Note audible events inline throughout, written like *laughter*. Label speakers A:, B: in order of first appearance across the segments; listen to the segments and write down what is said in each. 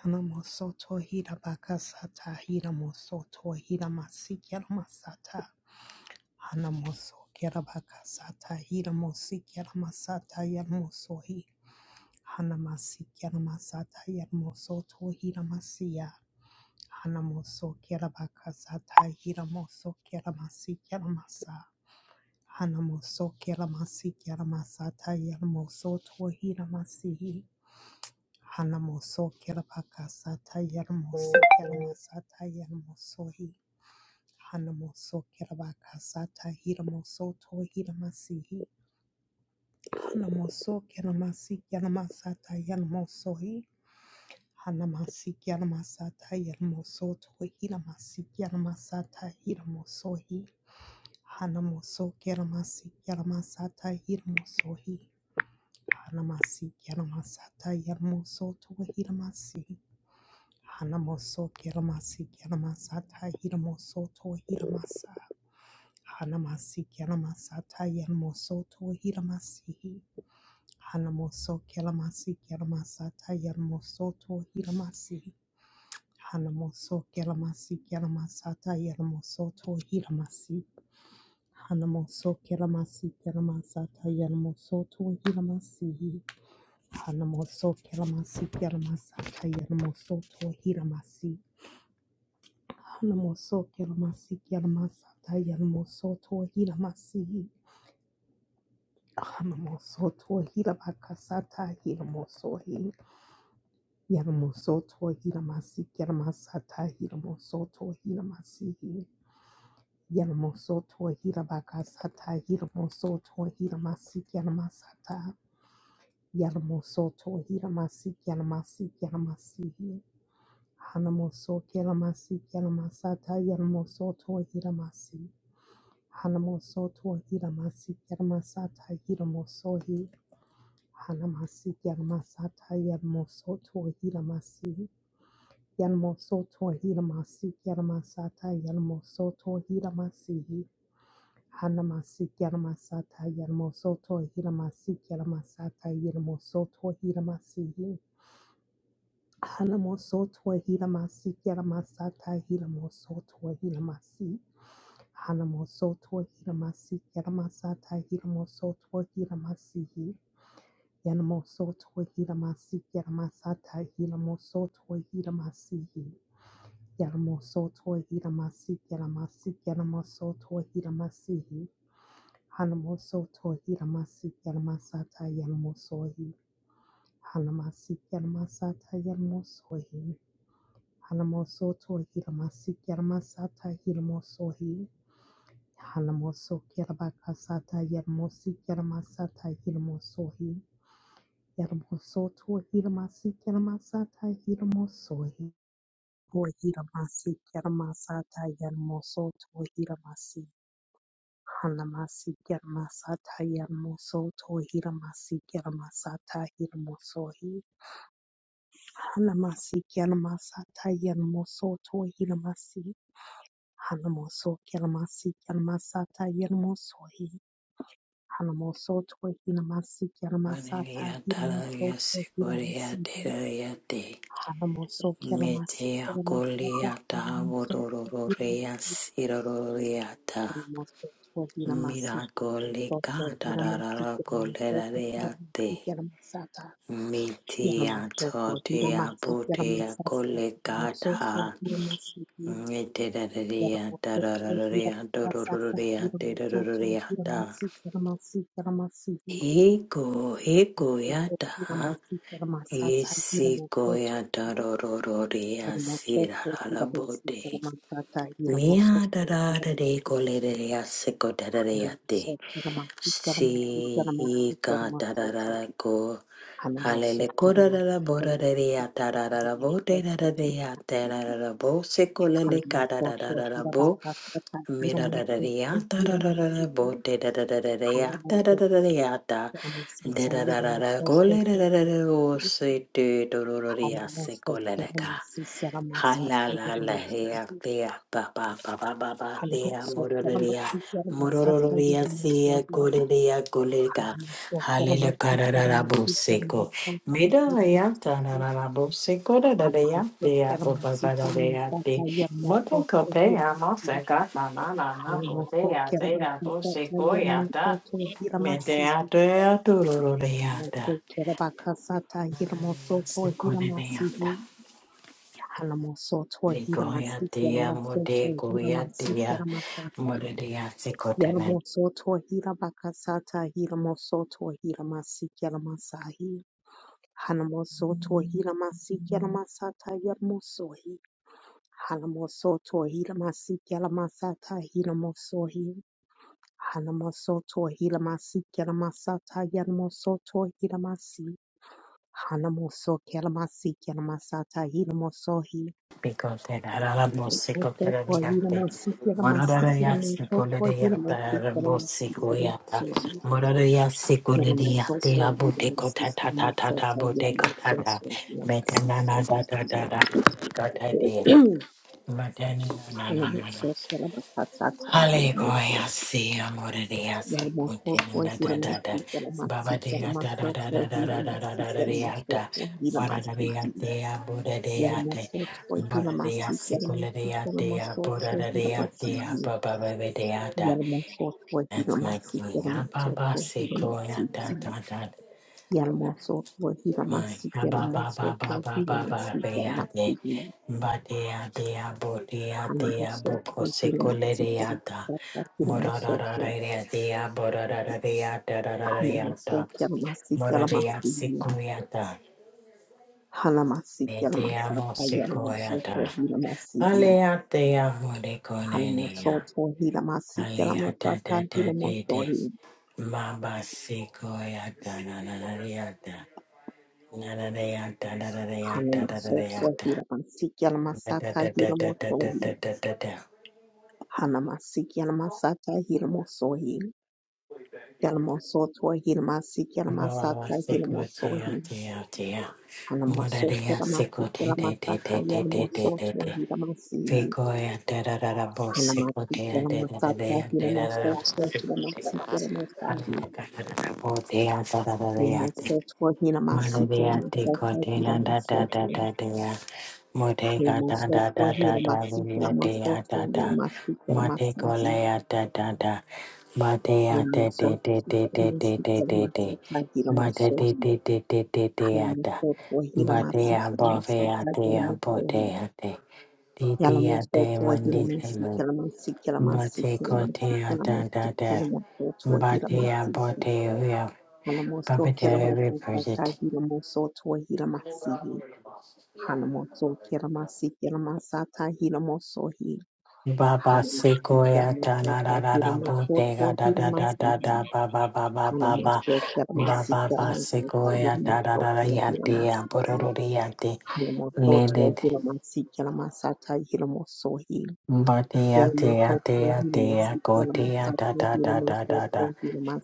A: Yanamosoto Hirabakasata Hiramosoto Hiramasi Yanamasata Hanamoso Kerabakasata Hiramosi Yanamasata Yanamosohi Hanamasi Yanamasata Yanamosoto Hiramasiya Hanamoso Kerabakasata Hiramoso Keramasi Yanamasa Hanamoso Keramasi Yanamasata Yanamosoto Hiramasihi Hanamoso Kerabakasata Yermoso Keramasata Yermosohi. Hanamoso Kerabakasata Hiramoso To Hiramasihi. Hanamoso Keramasi Keramasata Yermosohi. Hanamasi Keramasata Yermoso To Hiramasi Keramasata Hiramosohi. Hanamoso Keramasi Keramasata Hiramosohi. Hanamasi Keramasata Yermoso To Hiramasihi. Hanamoso kiramasi kiramasata hiramoso to hiramasa. Hanamasi kiramasata yarmoso to hiramasi. Hanamoso kiramasi kiramasata yarmoso to hiramasi. Hanamoso kiramasi kiramasata yarmoso to hiramasi. Hanamoso kiramasi kiramasata yarmoso to hiramasi. Hanamoso kiramasi kiramasata yarmoso to hiramasi. Hanamoso Kiramasi Kiramasata Yanamoso to Hiramasi Hanamoso to Hirabakasata Hiramoso Yanamoso to Hiramasi Kiramasata Hiramoso to Hiramasi Yanamoso to Hirabakasata Hiramoso to Hiramasi Kiramasata Yanamoso to Hiramasi Kiramasi Kiramasi Hanamoso Kiramasi Kiramasata Yanamoso to Hiramasi Hanamoso to Hiramasi Yermasata Hiramosohi Hanamasi Yermasata Yermoso to Hiramasi Yermoso to Hiramasi Yermasata Yermoso to Hiramasi Hanamasi Yermasata Yermoso to Hiramasi Yermasata Yermoso to Hiramasi Hanamoso to Hiramasi Yermasata Hiramoso to Hiramasi Hanamosoto Hiramasi Yaramasata Hiramosoto Hiramasihi Yanamosoto Hiramasi Yaramasata Hiramosoto Hiramasihi Yaramosoto Hiramasi Yaramasi Yaramosoto Hiramasihi Hanamosoto Hiramasi Yaramasata Yanamosohi Hanamasi Yaramasata Yanamosohi Hanamosoto Hiramasi Yaramasata Hiramosohi Hanamoso Kirabakasata Yermosi Kiramasata Hirmosohi Yermosoto Hiramasi Kiramasata Hirmosohi O Hiramasi Kiramasata Yermosoto Hiramasi Hanamasi Kiramasata Yermosoto Hiramasi Kiramasata Hirmosohi Hanamasi Kiramasata Yermosoto Hiramasi Hanamoso Kiramasi Kiramasata Yermosohi Hanamosoto, Hinamasi, Kiramasata,
B: Valeria Talaria
A: Hinamosoto,
B: Sigoria
A: Hinamasi,
B: Terriate
A: Hanamoso, Kiramasi,
B: Metea
A: Kiramasata,
B: Goliata
A: Hinamosoto,
B: Vodororea
A: Hinamasi,
B: Siroriata
A: Hanamosoto, Hinamasi, Kiramosoto,
B: Miracolica
A: Hinamasi,
B: Tarara
A: Kiramosoto, Hinamasi,
B: Goleriate
A: Kiramasata,
B: Mitia
A: Hinamosoto,
B: Totia
A: Hinamasi,
B: Putia
A: Kiramasata, Hinamosoto, Hinamasi, Kiramosoto,
B: Colicata Meteria Tararea
A: Hiramasata,
B: Dororea
A: Hinamosoto,
B: Terroriata
A: Hiramasi, Kiramasi, Kiramasi,
B: Ego Ego
A: Hallelujah.
B: Yata Isi koya tarororia sira la bote. Mia da da da de colere a seco da da de a te. Si i ka tararara ko halele korarara borarere ya tararara bo terarere ya tararara bo sekolele karararara bo mirarere ya tararara bo terarere ya tararara ya ta derarara kolerarara o se te dororere ya sekolele Ha la la la hea thea ba ba ba ba ba ba thea
A: Halamoso
B: mororia
A: Kermasi Kermasata
B: mororia thea
A: Yermasoi
B: goreria gorega
A: Halamoso
B: halele
A: Kermasi
B: kararara
A: Kermasi
B: boseko
A: Kermasoto
B: mida ya
A: Yermasi
B: tararara boseko da da da ya
A: Halamoso
B: thea ba ba
A: Kermasi
B: ba da da ya
A: Kermasata
B: the moto
A: Yermasoto
B: kope ya
A: Yermasi
B: moseka ta na na na
A: Halamoso
B: thea
A: Kermakasata
B: boseko ya ta
A: Yermasoto Yermasi
B: medea thea turoro ya
A: Halamoso
B: ta
A: Kermakasata Yermasoto
B: seko ne
A: Yermasi
B: ya
A: Halamoso To Yermasi
B: Ligoyatia
A: Yermasi
B: mudegoyatia
A: Kermasata
B: mudediasikotenen
A: Yaramosoto Hirabakasata Hiramosoto Hiramasi Yaramasahi Hanamosoto Hiramasi Yaramasata Yaramosohi Hanamosoto Hiramasi Yaramasata Hiramosohi Hanamosoto Hiramasi Yaramasata Yaramosoto Hiramasi Hanamoso Yaramasi Yaramasata Hiramosohi Mosoto
B: picotenaramosikoterabiate
A: Hiramasi Yaramasi Yaramosoto Hiramasi Yaramasi
B: morariasicolediataramosikoyata
A: Yaramosohi Yarama
B: morariasicolediatia budecotatatata budecotata metananadatatata cotate matanananana Hallelujah, see, I'm gonna dance, continue, da, da, da, da. Baba, da, da, da, da, da, da, da, da, da, da, da, da, da. Mara, da, da, da,
A: Yarama
B: da, Buddha, da, da. Mara, da, Sikula, da, da, Buddha, da, da, da, Baba, Baba, da, da. That's my king. Ah, Baba, Sikula, da, da, da.
A: Yalamoso,
B: Ba
A: Wahilamasi,
B: ba ba ba
A: Yalamoso,
B: ba ba ba ba ba
A: Wahilamasi,
B: de
A: Yalamasi,
B: ba de a de a bo de a de a bo
A: Hanamoso,
B: ko se ko le
A: Wahilamasi,
B: re a da mo ra ra
A: Yalamoso,
B: ra ra re a de a bo ra ra ra re a da ra ra ra re a da
A: Hanamoso, Yalamasi,
B: mo ra re a se
A: Yalamasi,
B: ko re a da
A: Hanamasi,
B: me te
A: Yalamasa,
B: amo se ko re a
A: Yalamoso,
B: da ale
A: Wahilamasi,
B: a te amo de ko ne ne
A: Hanamoso,
B: a
A: Wahila masi
B: ale a da
A: Yalamasa,
B: da da de de
A: Hilamoso,
B: ma ba se ko re a da na na na re a da na na re a da na na re a da na na
A: Hanamoso,
B: re a da
A: Wahila masi
B: Da
A: Yalamasa,
B: da da da da da da
A: Hilamoso,
B: da da da da.
A: Hanamasi, Yalamasa, Hilamoso, Yalamosotua Hilamasi
B: Baba
A: Yalamasata
B: seko tia
A: Hilamosohi
B: tia tia. Mada
A: Hanamosotua
B: dia
A: Yalamasi
B: seko te te te
A: Yalamasata
B: te te te te te
A: Yalamosotua
B: te.
A: Hilamasi
B: Seko ya da da da da bo seko
A: Hanamasi
B: tia da da da
A: Yalamasata
B: da da da da da bo
A: Hilamosotua
B: seko
A: Hilamasi
B: tia. Ani
A: Yalamasahi
B: da da da da bo tia da da da da da.
A: Hanamosotua Hilamasi
B: Maria de
A: Yalamasata
B: Cordina da da
A: Hilamosotua
B: da da da Motega da da
A: Hanamosotua
B: da da da
A: Hilamasi
B: Lunia de
A: Yalamosotua
B: da
A: Yalamasi Yalamasahi
B: da
A: Hanamosotua
B: Matecolea da da da Matea de de de de de de
A: Yalamasi
B: de de de
A: Yalamasata
B: Mate de
A: Hilamosohi
B: de de de de de da
A: Hanamoso Kermasi
B: Matea bovea dea botea de de de de
A: Kermasi
B: mundisimo
A: Kermasi
B: Matecotea da da da Matea botea Papa Terry Bridget
A: Kermasi
B: Baba Sequoia da da da da da Bodega da da da da da ba ba ba ba ba ba ba ba ba Sequoia da da da da ya de ya bororo de ya de
A: Hilamosoto,
B: leaded
A: Hilamasi, Hilamasata, Hilamosohi,
B: Batia tia
A: Hilamosoto,
B: ya
A: Hilamasi,
B: kote ya da
A: Hilamasata,
B: da da da da da
A: Hilamosoto,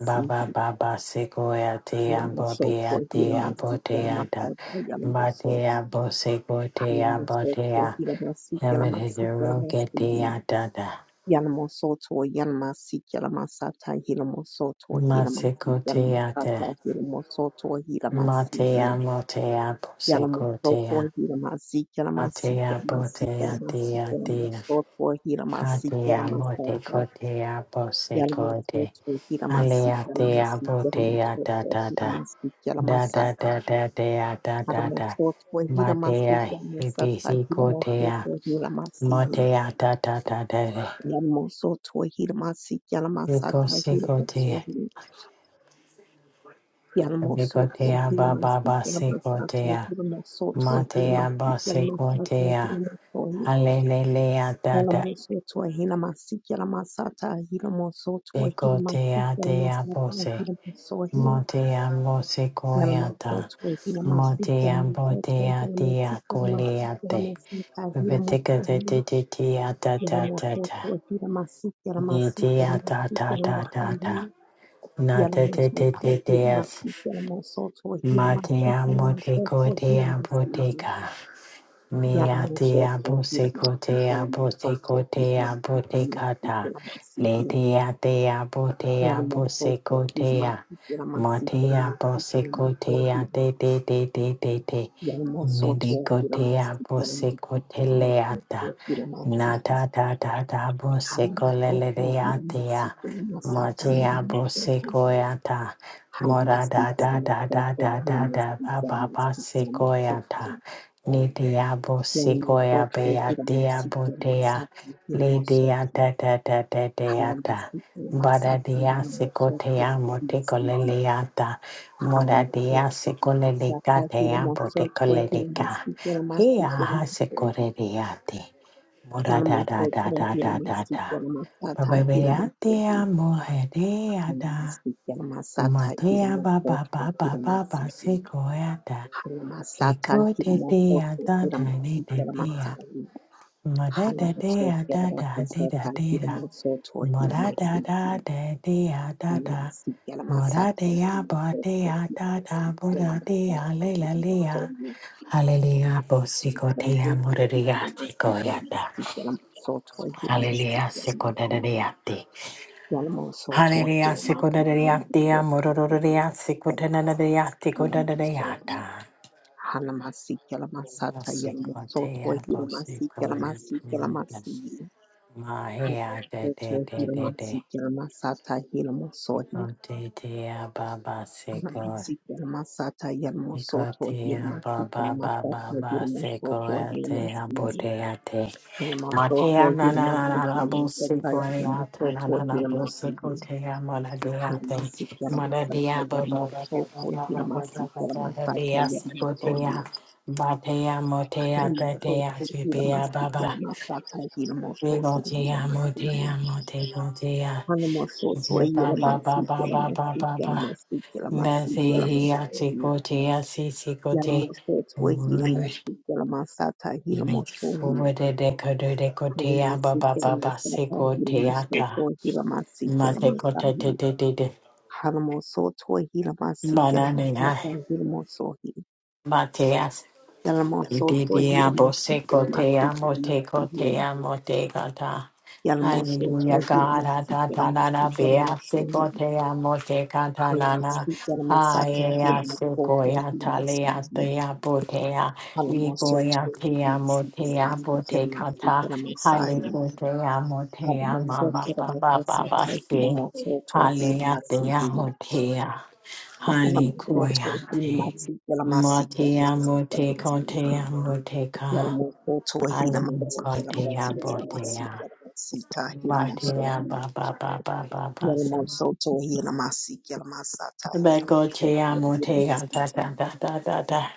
B: ba ba ba ba Sequoia tia ya tia ya
A: Hilamosoto,
B: te ya
A: Hilamasi,
B: bote ya da
A: Hilamasata,
B: bate
A: Hilamosohi,
B: ya bo Sequoia te
A: Hilamosoto,
B: ya
A: Hilamasi,
B: Emma de
A: Hilamasi, Hilamasihi,
B: Rogetia da da
A: Yanamosoto, Yanamasi, Hilamasata, Hilamosoto, Hilamasi,
B: Masikotea te.
A: Hilamasata, Hilamosoto, Hilamasihi,
B: Matea motea
A: Yalamoso
B: posikotea. Atea potea tea tea. Atea motikotea posikote. Alea tea potea da da da. Da da da da dea da da da. Matea hibisikotea. Motea da da da da. Vikosikotea. Vikotea baba basikotea. Matea basikotea. Hallelujah
A: Hila
B: dada.
A: mosoto, hila masiki, hila masata, hila mosoto, hila masiki,
B: Bikotea
A: hila
B: dea
A: masata,
B: bose.
A: hila mosohi,
B: Motea
A: hila
B: mosikoyata.
A: mosoto, hila masiki, hila
B: Motea
A: mosoto,
B: botea
A: hila
B: dea
A: masiki, hila masiki, hila
B: kuleate.
A: masata, hila
B: Vitika de
A: mosohi,
B: titia da
A: hila
B: da da da.
A: mosoto, hila masiki, hila masiki, hila
B: Nitia da
A: masiki,
B: da
A: hila
B: da da da.
A: masihi,
B: Na
A: hila
B: da da da da
A: mosoto, hila
B: deas.
A: masiki, hila mosoto, hila masiki,
B: Matea
A: hila mosoto, hila
B: motikotea
A: masihi.
B: botica.
A: Yala
B: Mea te
A: mosoto,
B: abu
A: hila
B: se ko
A: masiki,
B: te
A: hila
B: abu se ko
A: mosoto, hila
B: te
A: masiki,
B: abu te
A: hila masiki,
B: kata.
A: hila
B: Le
A: masihi.
B: te a te abu te abu se
A: Yaramosoto,
B: ko te a.
A: Yamasi,
B: Ma
A: Yaramasi,
B: te abu
A: Yaramasi,
B: se
A: Yaramosoto,
B: ko te a te te te te te te. Ne di
A: Yaramosoto,
B: ko te
A: Yaramasi,
B: abu se
A: Yaramasi,
B: ko te le
A: Yaramosoto,
B: ata.
A: Hiramasi, Yaramasi,
B: Na ta ta ta ta abu se ko le le
A: Yaramosoto,
B: re a te a.
A: Yaramasi,
B: Ma
A: Yaramasata,
B: te abu se
A: Yaramosoto,
B: ko e ata. Mora
A: Hayamasi,
B: da da da da
A: Yaramosoto,
B: da da da
A: Yaramasi,
B: ba ba ba
A: Yaramasi,
B: se ko e
A: Yaramosoto,
B: ata. Ni dea bo sequoia
A: Yaramosoto,
B: bea
A: Yaramasi,
B: dea
A: Yaramasata,
B: bo dea.
A: Yaramosoto,
B: Le dea da da da da dea da.
A: Hayamasi,
B: Bada
A: Yaramasata,
B: dea
A: Yaramosoto,
B: sequoia
A: Yaramasi,
B: motecoleleata.
A: Hala
B: Moda dea
A: masoko,
B: secoleleca
A: masaka, hira
B: dea
A: masoko, hira
B: botecoleleca.
A: masiki, hira
B: He
A: masiki, hira
B: aha
A: masiki.
B: sequoreate. Moda
A: Hira
B: da da
A: masoko,
B: da da da
A: hira
B: da
A: masiki,
B: da.
A: hira
B: Baba
A: masata, hira
B: bea dea
A: masiki.
B: mohe dea
A: Hala
B: da.
A: masiki, hira masata, hira
B: Matea ba ba
A: masoko,
B: ba ba
A: hira
B: ba ba
A: masiki.
B: sikoya da.
A: Hala masata,
B: Ego
A: hira
B: de de a
A: masoko,
B: da
A: hira
B: da de
A: masiki,
B: de
A: hira
B: de a.
A: masai.
B: Ma da
A: Hala
B: da de
A: masoko,
B: a
A: hira
B: da da de da
A: masata,
B: de
A: hira
B: da.
A: masoko,
B: Ma
A: hira
B: da da da
A: masiki.
B: de de a da
A: Hala
B: da.
A: masiki, hira
B: Ma da
A: masata,
B: de
A: hira
B: a
A: masoko,
B: ba
A: hira
B: de a da da
A: masiki,
B: bo
A: hira
B: da de
A: masai,
B: a le la
A: hira
B: le a.
A: masai.
B: Hallelujah, bo si ko
A: Hallelujah.
B: te a mo re re a si ko ya da. Hallelujah, si ko da da de a te. Hallelujah, si ko da da de a te a mo ro ro ro de a si ko da da da de a te ko da da de a da. Masikotea bosikoya pega mahea de de de de de ikotea baba seko ikotea baba baba baba sekoya te abotea te
A: Halamasotho
B: matea na na na na
A: hilamasiki
B: na
A: yeseka
B: bosikoya ta na
A: hilamasotho
B: na na
A: hilamasiki
B: bosikotea maladia te
A: halamasiki halamasaka
B: maladia baba baba
A: halamasotho
B: baba baba baba
A: hilamasiki
B: baba
A: halamasaka
B: baba
A: halamasotho
B: sekotea batea motea tetea
A: halamasotho
B: chipea
A: hilamasiki
B: baba
A: halamasaka halamasotho
B: Digo te amo, te
A: hilamasiki
B: amo, te go te a.
A: halamasotho
B: Ye ba ba ba ba
A: hilamasiki
B: ba ba ba
A: halamasiki
B: ba.
A: halamasiki
B: Na se
A: halamasiki halamasotho
B: he a se go te a se se go te.
A: halamasotho
B: Uru.
A: hilamasiki halamasaka
B: Ye
A: halamasotho
B: fuwe de de ko de de ko te a ba ba ba ba se go te a ta. Ma te ko te te te te te. Ma na ne na. Hallelujah, God. Ah, ta, ta, na, na, be, ah, se, go, te, amo, te, ka, ta, na, na. Ah, ye, ah, se, go, ya, ta, le, ah, te, ah, bo, te, ah. We go, ya, te, amo, te, ah, bo, te, ka, ta. te, amo, te, ah, ma,
A: Halamoso
B: ba,
A: kera
B: ba, ba,
A: bakasa tahi lamoso tohi
B: ah, te,
A: lamasi
B: amo, ah. Hali
A: Yalamoto to heal my
B: koyate.
A: seek,
B: Matea mote kotea moteka. Hali kotea botea. Matea ba ba ba ba ba ba sim. Begotea motea da da da da da da.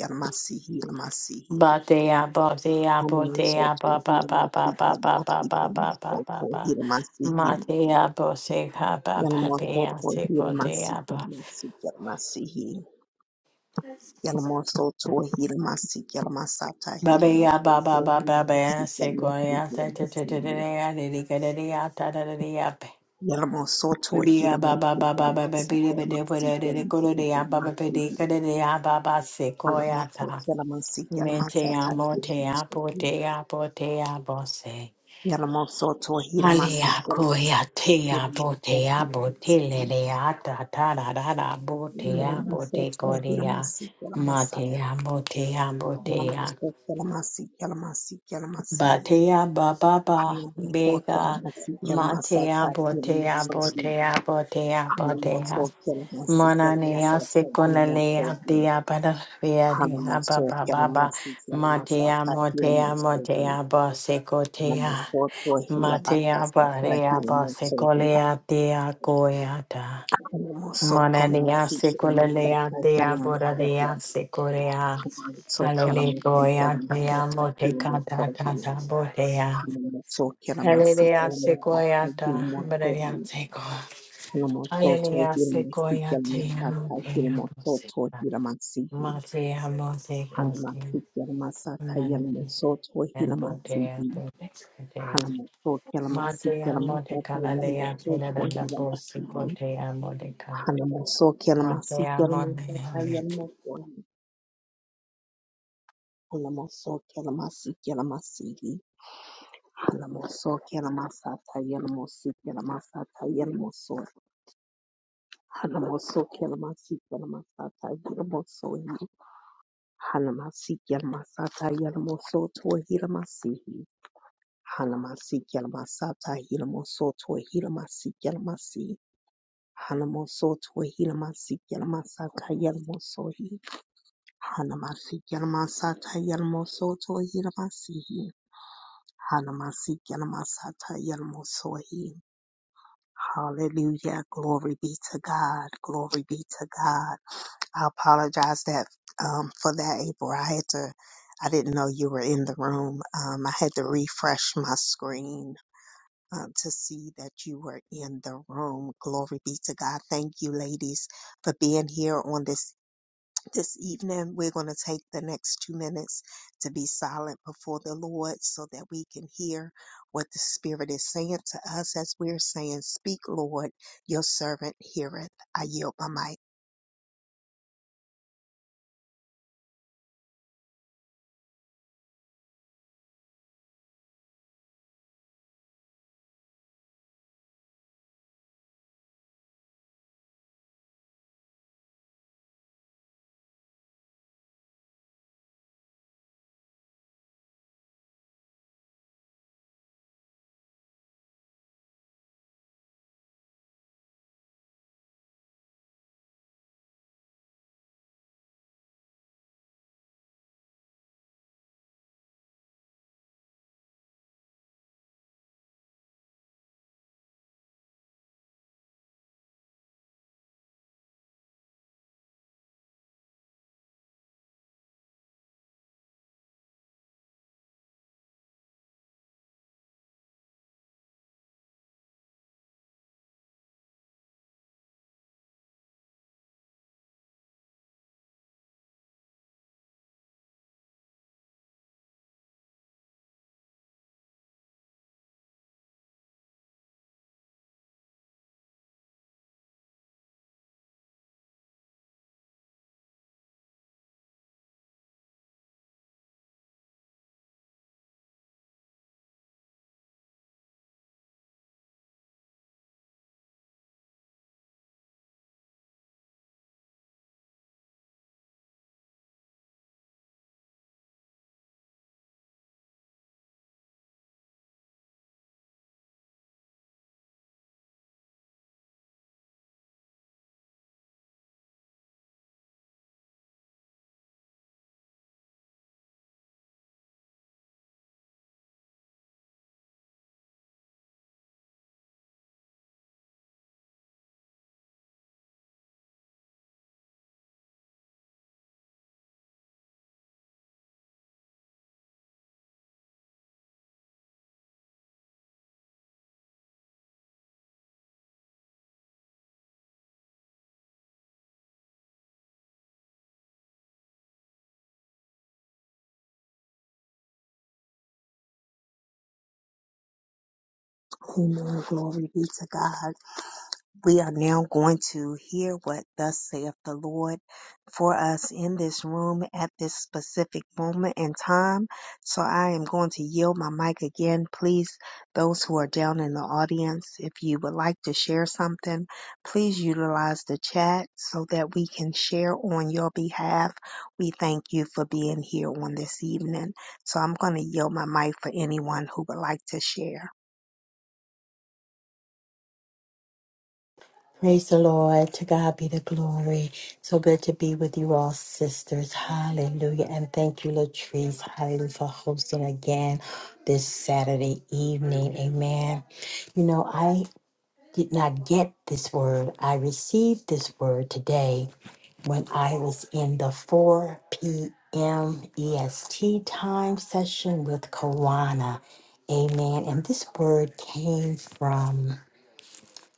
A: my seek,
B: Batea botea botea ba ba ba ba ba ba ba ba ba ba ba ba. Matea boseka ba ba bea sekotea ba.
A: my seek. Yalamosoto Hilamasi Yalamasata
B: Baba ya
A: Hilamosoto
B: baba baba baba ba ba
A: Hilamasi
B: ya se ko
A: Yalamasi
B: ya ta ta ta ta ta ya de de ka de de ya ta ta ta de ya pe.
A: Yalamasi Yalamosoto
B: Baby ya baba
A: Hilamasi
B: baba ba ba ba ba
A: Yalamasi
B: be de de de de de ko
A: Yalamasi
B: de ya baba pe be
A: Yalamasi
B: de ka de de ya baba ba se ko ta.
A: Yalamasi Yalamoto Yalamasi
B: Me te ya
A: Yalamasata
B: mo te ya
A: Hilamosoto
B: te ya te ya se.
A: Yalamosoto
B: Hali
A: Hilamasi
B: koya ko ya te ya
A: Yalamasata
B: te
A: Hilamoto
B: ya bo te le le ya ta ta ra ra ra bo
A: Hilamasi
B: te ya bo te
A: Yalamosoto
B: ko de ya.
A: Hilamasi Yalamasata
B: Ma te
A: Yalamosoto
B: ya te ya te ya.
A: Hilamasi Yalamasi Yalamasi Yalamasi,
B: Batea baba
A: I
B: ba
A: am so
B: bega
A: careless, careless, careless.
B: matea
A: I am
B: botea
A: so busy.
B: botea botea
A: I am
B: botea
A: so careless,
B: mana
A: careless, careless.
B: nea sekonalea tia bada fea
A: I am so busy. I
B: nea
A: am so
B: baba baba
A: careless, careless, careless.
B: matea motea motea bo
A: I am so busy. I am
B: sekotea
A: so poor, I am bad, I
B: matea
A: am tired, I
B: barea bo
A: am so busy.
B: sekolea tia koeata
A: I am so careless,
B: Manadea
A: careless, careless. I
B: secolea dea
A: am so
B: boradea
A: busy.
B: secorea.
A: I am so careless, careless, careless. I am
B: Hallelujah,
A: so
B: dea
A: busy. I
B: motecata tata botea.
A: am so careless,
B: Hallelujah, sequoiata,
A: careless, careless.
B: boradea seco.
A: Hanamototo
B: Hallelujah,
A: Hiramasiki
B: sequoia tea
A: Yalamasata
B: motea pose.
A: Hiramototo Hiramasihi
B: Matea moteco.
A: Hanamasiki Yalamasata
B: Manadea
A: Yalamosoto
B: botea
A: Hiramasihi
B: botea.
A: Hanamosoki Yalamasiki
B: Matea
A: Yalamasata
B: motecala lea,
A: Yalamosoto
B: pinada
A: Hiramasihi
B: bosecotea moteca.
A: Hanamosoki Yalamasiki
B: Matea
A: Yalamasata
B: motea.
A: Yalamosohi Hanamosoki Yalamasiki Yalamasihi Hanamosoki Yalamasata Yalamosiki Yalamasata Yalamosohi Hanamosoki Yalamasiki Yalamasata Yalamosohi Hanamasi Yalamasata Yalamosoto Hiramasi. Hanamasi Yalamasata Hilamosoto Hiramasi Yalamasi. Hanamosoto Hilamasi Yalamasata Yalamosohi. Hanamasi Yalamasata Yalamosoto Hiramasi. Hanamasi Yalamasata Yalamosohi. Hallelujah. Glory be to God. Glory be to God. I apologize that um, for that, April. I had to. I didn't know you were in the room. Um, I had to refresh my screen uh, to see that you were in the room. Glory be to God. Thank you, ladies, for being here on this this evening. We're going to take the next two minutes to be silent before the Lord, so that we can hear what the Spirit is saying to us as we're saying, "Speak, Lord, your servant heareth." I yield my mic. Amen. Glory be to God. We are now going to hear what thus saith the Lord for us in this room at this specific moment in time. So I am going to yield my mic again. Please, those who are down in the audience, if you would like to share something, please utilize the chat so that we can share on your behalf. We thank you for being here on this evening. So I'm going to yield my mic for anyone who would like to share.
B: Praise the Lord. To God be the glory. So good to be with you all, sisters. Hallelujah. And thank you, Latrice. Hallelujah for hosting again this Saturday evening. Amen. You know, I did not get this word. I received this word today when I was in the 4 p.m. EST time session with Kawana. Amen. And this word came from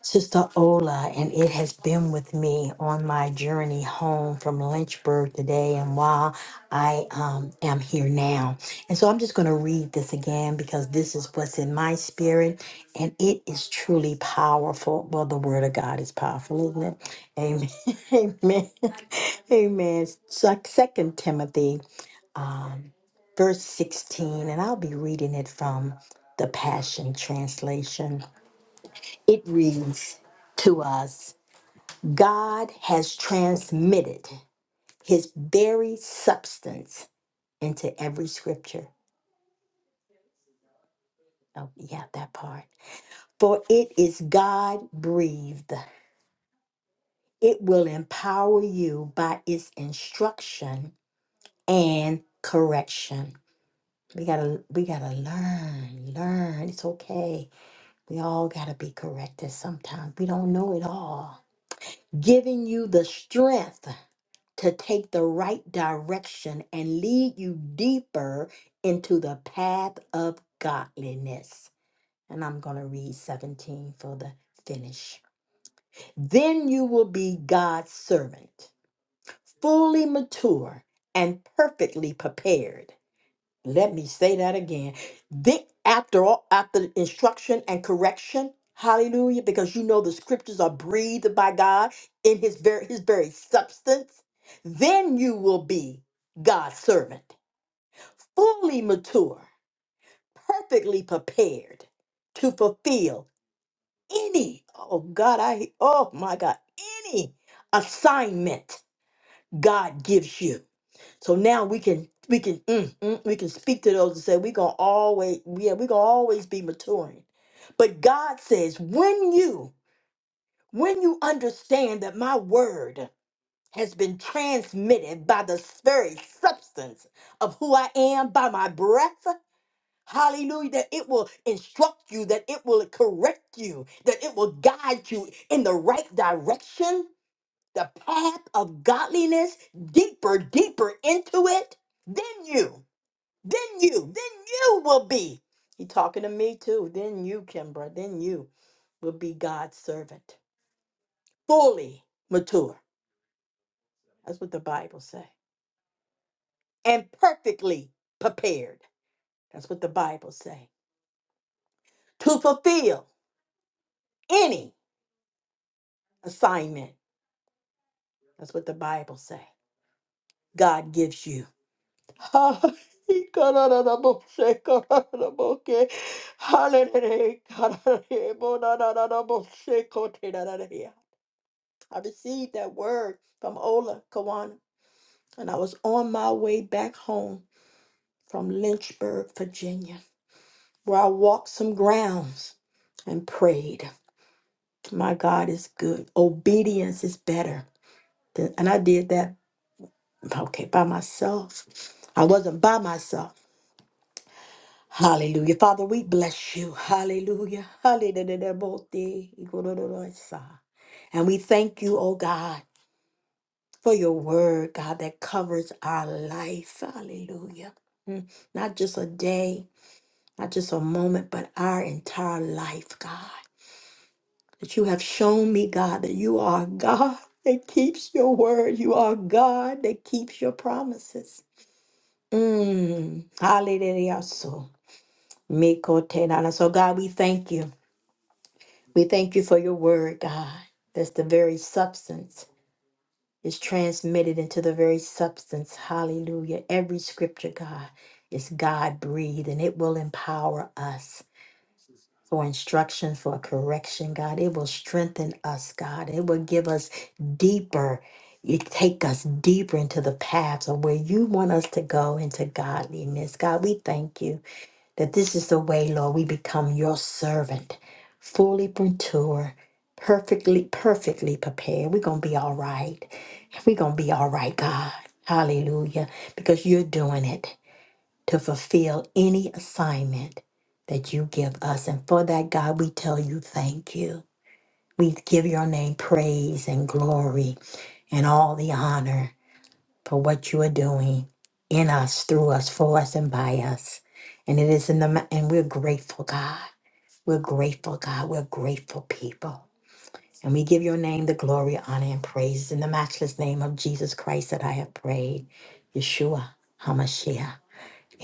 B: Sister Ola, and it has been with me on my journey home from Lynchburg today and while I um, am here now. And so I'm just going to read this again because this is what's in my spirit and it is truly powerful. Well, the Word of God is powerful, isn't it? Amen. *laughs* Amen. Amen. Second Timothy, verse 16, and I'll be reading it from the Passion Translation. It reads to us. God has transmitted his very substance into every scripture. Oh, yeah, that part. For it is God breathed. It will empower you by its instruction and correction. We gotta we gotta learn, learn. It's okay. We all gotta be corrected sometimes. We don't know it all. Giving you the strength to take the right direction and lead you deeper into the path of godliness. And I'm going to read 17 for the finish. Then you will be God's servant, fully mature and perfectly prepared let me say that again. Dick, after all, after instruction and correction, hallelujah, because you know the scriptures are breathed by God in his very his very substance, then you will be God's servant, fully mature, perfectly prepared to fulfill any, oh God, I oh my God, any assignment God gives you. So now we can we can mm, mm, we can speak to those and say we're gonna always yeah we're gonna always be maturing. But God says when you when you understand that my word has been transmitted by the very substance of who I am by my breath, hallelujah, that it will instruct you, that it will correct you, that it will guide you in the right direction, the path of godliness, deeper, deeper into it, then you. Then you, then you will be. He talking to me too. Then you, Kimbra, then you will be God's servant, fully mature. That's what the Bible say. And perfectly prepared. That's what the Bible say. To fulfill any assignment. That's what the Bible say. God gives you. *laughs* Hallelujah. I received that word from Ola Kawana, and I was on my way back home from Lynchburg, Virginia, where I walked some grounds and prayed. My God is good. Obedience is better. Th- And I did that, okay, by myself. I wasn't by myself. Hallelujah. Father, we bless you. Hallelujah. Hallelujah. And we thank you, oh God. for your word, God, that covers our life. Hallelujah. Mm. Not just a day, not just a moment, but our entire life, God. That you have shown me, God, that you are God *laughs* that keeps your word. You are God that keeps your promises. Mm. Hallelujah. So, Miko Tenana. So, God, we thank you. We thank you for your word, God. That's the very substance. is transmitted into the very substance. Hallelujah. Every scripture, God, is God breathed and it will empower us for instruction, for correction, God. It will strengthen us, God. It will give us deeper. It take us deeper into the paths of where you want us to go into godliness. God, we thank you that this is the way, Lord, we become your servant, fully mature, perfectly, perfectly prepared. We're going to be all right. We're going to be all right, God. Hallelujah. Because you're doing it to fulfill any assignment that you give us. And for that, God, we tell you thank you. We give your name praise and glory and all the honor for what you are doing in us, through us, for us, and by us. And it is in the ma- and we're grateful, God. We're grateful, God. We're grateful people. And we give your name the glory, honor, and praise in the matchless name of Jesus Christ that I have prayed. Yeshua HaMashiach.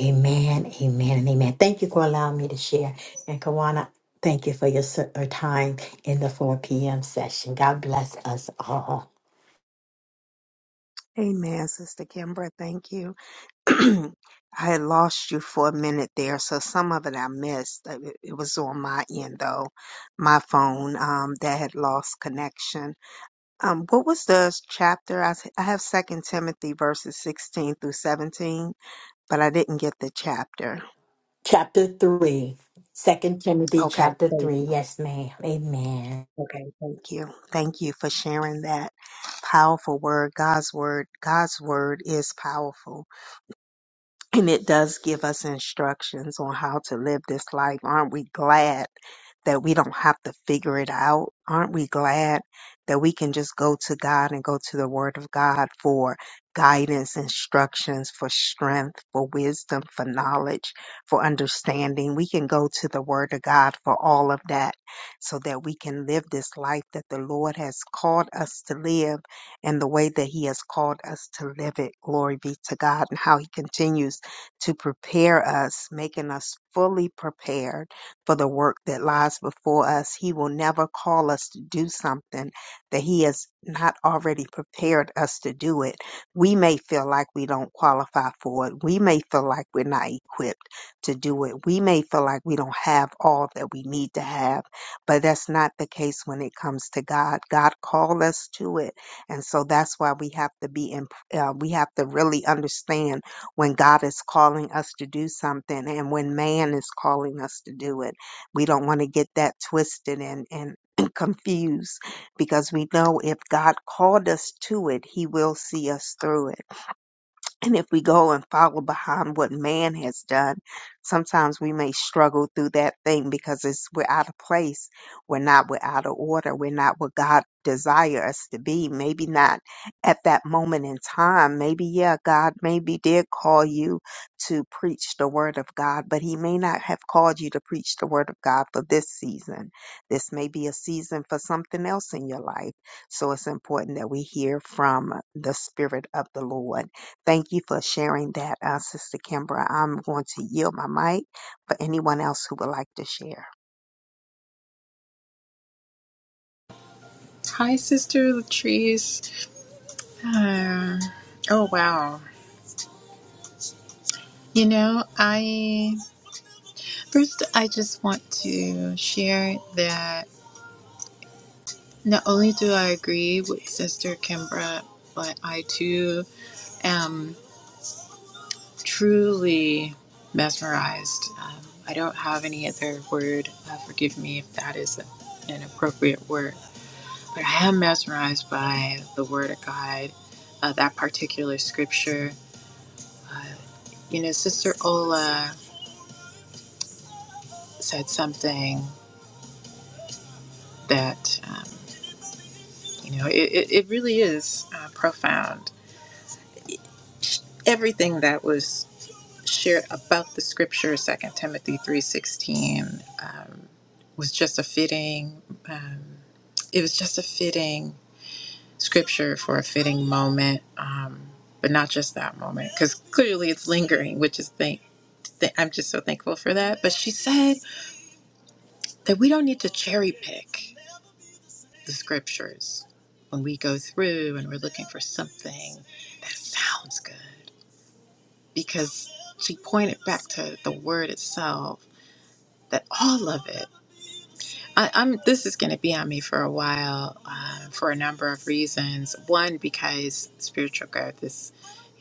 B: Amen, amen, and amen. Thank you for allowing me to share. And Kawana, thank you for your ser- your time in the 4 p.m. session. God bless us all.
A: Amen, Sister Kimbra. Thank you. *clears throat* I had lost you for a minute there, so some of it I missed. Uh, It it was on my end though, my phone um, that had lost connection. Um, what was the s- chapter? I, s- I have Second Timothy verses sixteen through seventeen, but I didn't get the chapter.
B: Chapter 3. 2 Timothy
A: Okay,
B: chapter
A: thank
B: 3.
A: you.
B: Yes, ma'am. Amen.
A: Okay, thank you. Thank you for sharing that powerful word. God's word. God's word is powerful And it does give us instructions on how to live this life. Aren't we glad that we don't have to figure it out? Aren't we glad that we can just go to God and go to the Word of God for guidance, instructions, for strength, for wisdom, for knowledge, for understanding? We can go to the Word of God for all of that so that we can live this life that the Lord has called us to live and the way that He has called us to live it. Glory be to God and how He continues to prepare us, making us fully prepared for the work that lies before us. He will never call us to do something that He has not already prepared us to do it. We may feel like we don't qualify for it. We may feel like we're not equipped to do it. We may feel like we don't have all that we need to have, but that's not the case when it comes to God. God called us to it. And so that's why we have to be, in, uh, we have to really understand when God is calling us to do something and when man is calling us to do it. We don't want to get that twisted and, and *clears throat* confused because we know if God called us to it, he will see us through it. And if we go and follow behind what man has done, sometimes we may struggle through that thing because it's we're out of place. We're not we're out of order. We're not what God desire us to be. Maybe not at that moment in time. Maybe yeah, God maybe did call you to preach the word of God, but he may not have called you to preach the word of God for this season. This may be a season for something else in your life. So it's important that we hear from the spirit of the Lord Thank you for sharing that, uh, Sister Kimbra. I'm going to yield my mic for anyone else who would like to share.
C: Hi, Sister Latrice. Uh, oh, wow. You know, I first I just want to share that not only do I agree with Sister Kimbra, but I too am truly mesmerized. Um, I don't have any other word. Uh, forgive me if that is a, an appropriate word, but I am mesmerized by the Word of God, uh, that particular scripture. uh, You know, Sister Ola said something that, um, you know, it, it, it really is uh, profound. Everything that was shared about the scripture, Second Timothy 3.16, um, was just a fitting, um, it was just a fitting scripture for a fitting moment, um, but not just that moment, because clearly it's lingering, which is, thank, th- I'm just so thankful for that. But she said that we don't need to cherry pick the scriptures when we go through and we're looking for something that sounds good because she pointed back to the word itself that all of it I, i'm this is going to be on me for a while uh, for a number of reasons one because spiritual growth is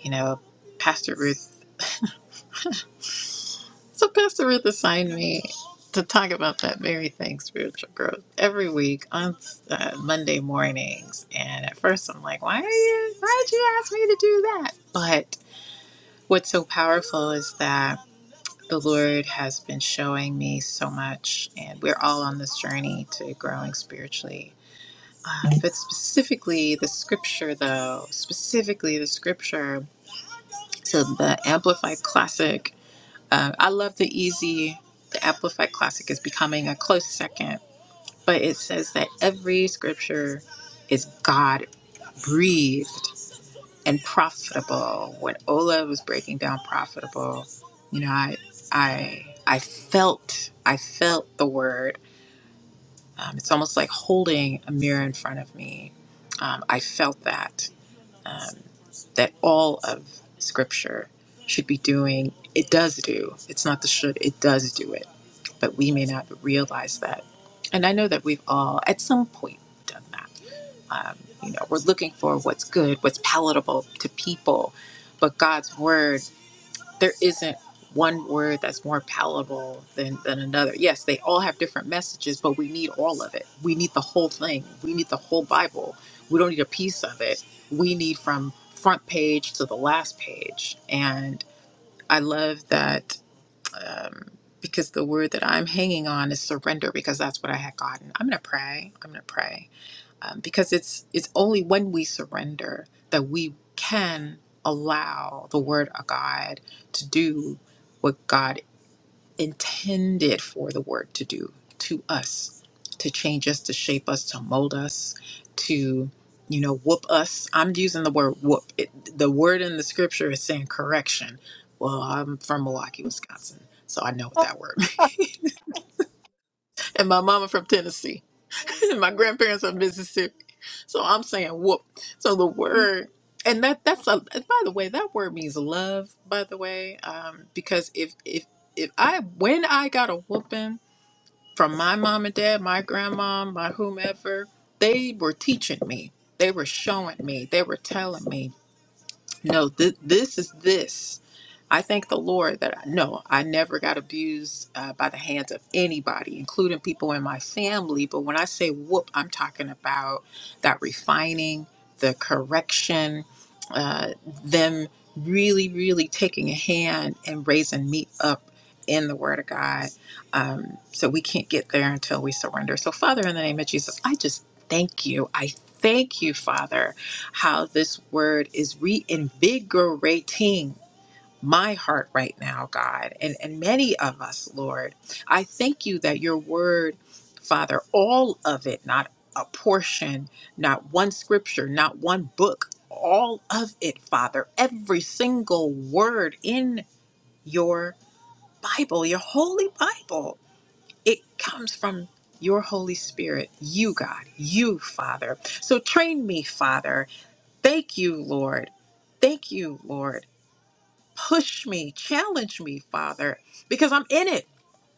C: you know pastor ruth So Pastor Ruth assigned me to talk about that very thing, spiritual growth, every week on uh, Monday mornings. And at first, I'm like, "Why are you? Why did you ask me to do that?" But what's so powerful is that the Lord has been showing me so much, and we're all on this journey to growing spiritually. Uh, but specifically, the scripture, though, specifically the scripture. So the Amplified Classic. Uh, I love the easy, the Amplified Classic is becoming a close second, but it says that every scripture is God breathed and profitable. When Ola was breaking down profitable, you know, I, I, I felt, I felt the word. Um, it's almost like holding a mirror in front of me. Um, I felt that um, that all of Scripture should be doing. It does do. It's not the should, it does do it. But we may not realize that. And I know that we've all, at some point, done that. Um, you know, we're looking for what's good, what's palatable to people. But God's word there isn't one word that's more palatable than, than another. Yes, they all have different messages, but we need all of it. We need the whole thing. We need the whole Bible. We don't need a piece of it. We need from front page to the last page. And I love that um, because the word that I'm hanging on is surrender because that's what I had gotten. I'm going to pray. I'm going to pray um, because it's it's only when we surrender that we can allow the word of God to do what God intended for the word to do to us to change us to shape us to mold us to you know whoop us i'm using the word whoop it, the word in the scripture is saying correction well i'm from milwaukee wisconsin so i know what that word *laughs* means and my mama from tennessee *laughs* my grandparents are Mississippi, so I'm saying whoop. So the word, and that that's a. and By the way, that word means love. By the way, um, because if if if I when I got a whooping from my mom and dad, my grandma, my whomever, they were teaching me. They were showing me. They were telling me. No, th- this is this. I thank the Lord that I no, I never got abused uh, by the hands of anybody, including people in my family. But when I say whoop, I'm talking about that refining, the correction, uh, them really, really taking a hand and raising me up in the Word of God. Um, so we can't get there until we surrender. So, Father, in the name of Jesus, I just thank you. I thank you, Father how this word is reinvigorating my heart right now, God, and, and many of us, Lord. I thank you that your word, Father, all of it, not a portion, not one scripture, not one book, all of it, Father, every single word in your Bible, your holy Bible, it comes from your Holy Spirit, you, God, you, Father. So train me, Father, Thank you, Lord. Thank you, Lord. Push me, challenge me, Father, because I'm in it.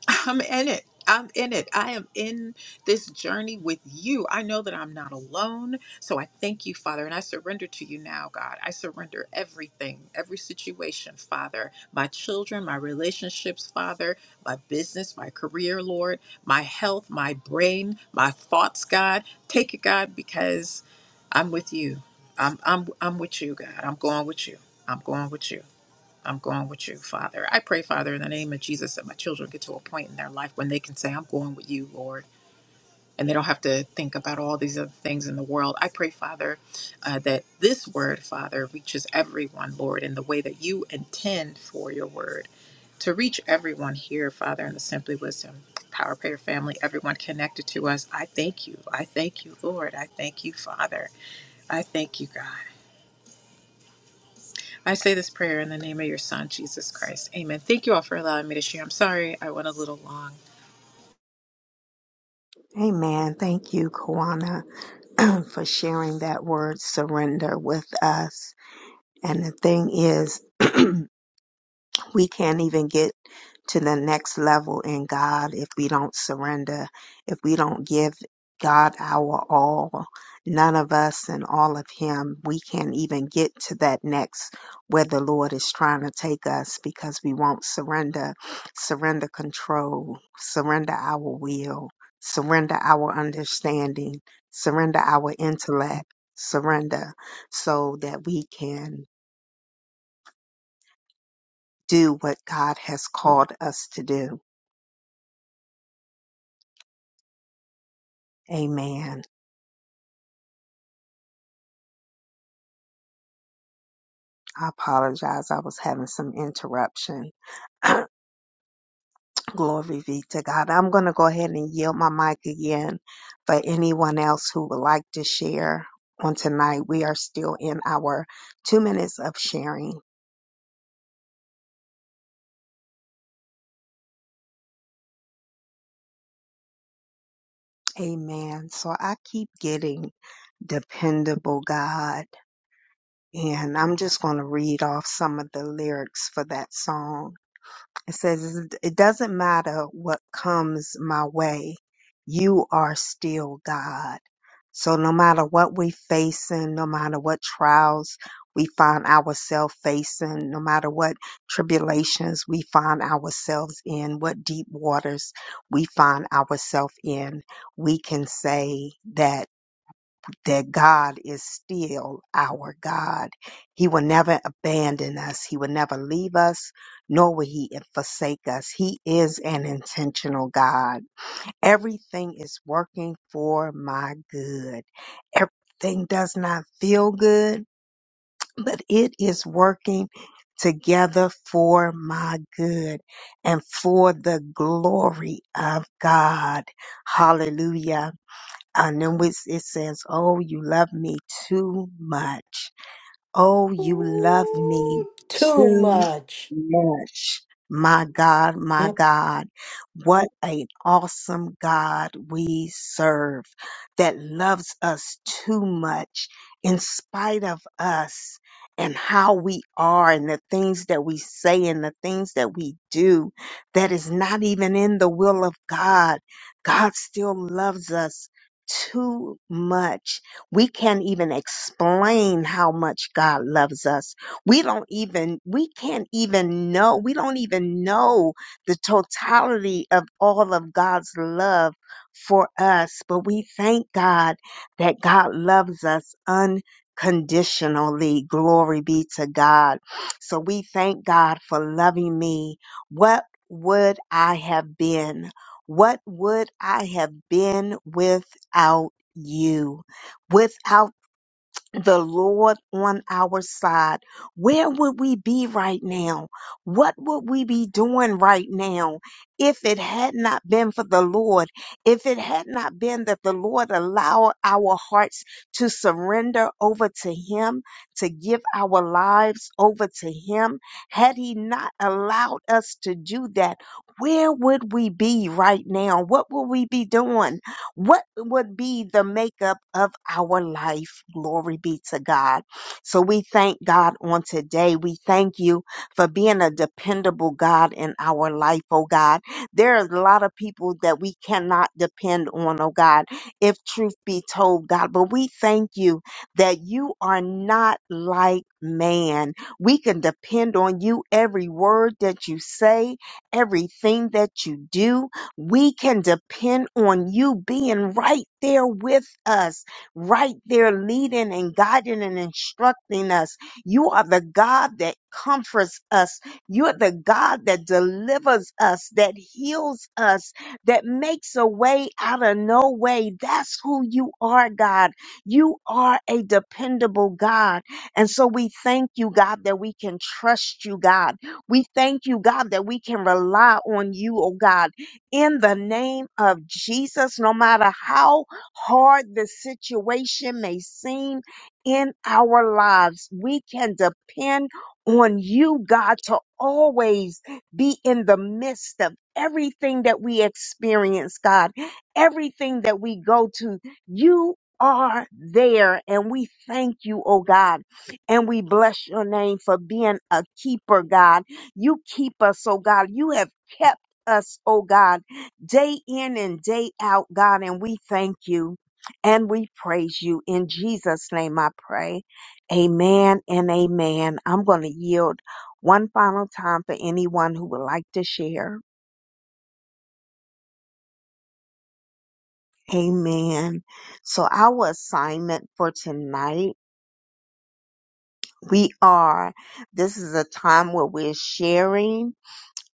C: I'm in it. I'm in it. I am in this journey with you. I know that I'm not alone. So I thank you, Father, and I surrender to you now, God. I surrender everything, every situation, Father. My children, my relationships, Father, my business, my career, Lord, my health, my brain, my thoughts, God. Take it, God, because I'm with you. I'm I'm I'm with you, God. I'm going with you. I'm going with you. I'm going with you, Father. I pray, Father, in the name of Jesus, that my children get to a point in their life when they can say, I'm going with you, Lord. And they don't have to think about all these other things in the world. I pray, Father, uh, that this word, Father, reaches everyone, Lord, in the way that you intend for your word to reach everyone here, Father, in the Simply Wisdom Power Prayer family, everyone connected to us. I thank you. I thank you, Lord. I thank you, Father. I thank you, God. I say this prayer in the name of your Son, Jesus Christ. Amen. Thank you all for allowing me to share. I'm sorry I went a little long.
A: Amen. Thank you, Kawana, *clears throat* for sharing that word surrender with us. And the thing is, *clears throat* we can't even get to the next level in God if we don't surrender, if we don't give God our all. None of us and all of Him, we can't even get to that next where the Lord is trying to take us because we won't surrender, surrender control, surrender our will, surrender our understanding, surrender our intellect, surrender so that we can do what God has called us to do Amen. I apologize. I was having some interruption. *clears throat* Glory be to God. I'm going to go ahead and yield my mic again for anyone else who would like to share on tonight. We are still in our two minutes of sharing. Amen. So I keep getting dependable God, and I'm just going to read off some of the lyrics for that song. It says, It doesn't matter what comes my way, you are still God. So no matter what we facing, no matter what trials we find ourselves facing, no matter what tribulations we find ourselves in, what deep waters we find ourselves in, we can say that that God is still our God. He will never abandon us. He will never leave us, nor will he forsake us. He is an intentional God. Everything is working for my good. Everything does not feel good, but it is working together for my good and for the glory of God. Hallelujah and then it says, "Oh, you love me too much." Oh, you love
B: Ooh,
A: me
B: Too
A: too
B: much.
A: much. My God, my
B: Mm,
A: God. What an awesome God we serve that loves us too much in spite of us and how we are and the things that we say and the things that we do that is not even in the will of God. God still loves us too much we can't even explain how much God loves us. We don't even, we can't even know, we don't even know the totality of all of God's love for us. But we thank God that God loves us unconditionally. Glory be to God. So we thank God for loving me. What would I have been? What would I have been without you? without the Lord on our side, where would we be right now? What would we be doing right now if it had not been for the Lord? If it had not been that the Lord allowed our hearts to surrender over to Him, to give our lives over to Him, had He not allowed us to do that, where would we be right now? What would we be doing? What would be the makeup of our life? Glory be to God. So we thank God on today. We thank you for being a dependable God in our life, oh God. There is a lot of people that we cannot depend on, oh God, if truth be told, God. But we thank you that you are not like man. We can depend on you every word that you say, everything that you do. We can depend on you being right there with us, right there leading and guiding and instructing us. You are the God that comforts us. You are the God that delivers us, that heals us, that makes a way out of no way. That's who you are, God. You are a dependable God. And so we thank you, God, that we can trust you, God. We thank you, God, that we can rely on you, oh God in the name of Jesus, no matter how hard the situation may seem in our lives, we can depend on you, God, to always be in the midst of everything that we experience, God, everything that we go to. You are there and we thank you, oh God, and we bless your name for being a keeper, God. You keep us, oh God. You have kept us, oh God day in and day out, God, and we thank you and we praise you. In Jesus' name I pray. Amen and amen. I'm going to yield one final time for anyone who would like to share. Amen. So, our assignment for tonight, we are, this is a time where we're sharing.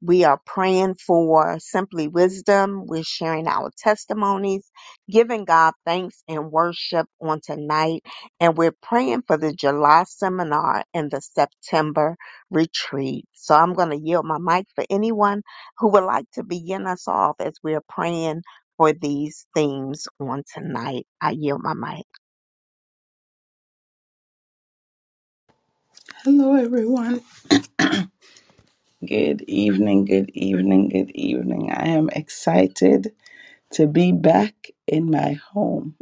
A: We are praying for simply wisdom. We're sharing our testimonies, giving God thanks and worship on tonight. And we're praying for the July seminar and the September retreat. So I'm going to yield my mic for anyone who would like to begin us off as we're praying for these themes on tonight. I yield my mic.
D: Hello, everyone. Good evening, good evening, good evening. I am excited to be back in my home,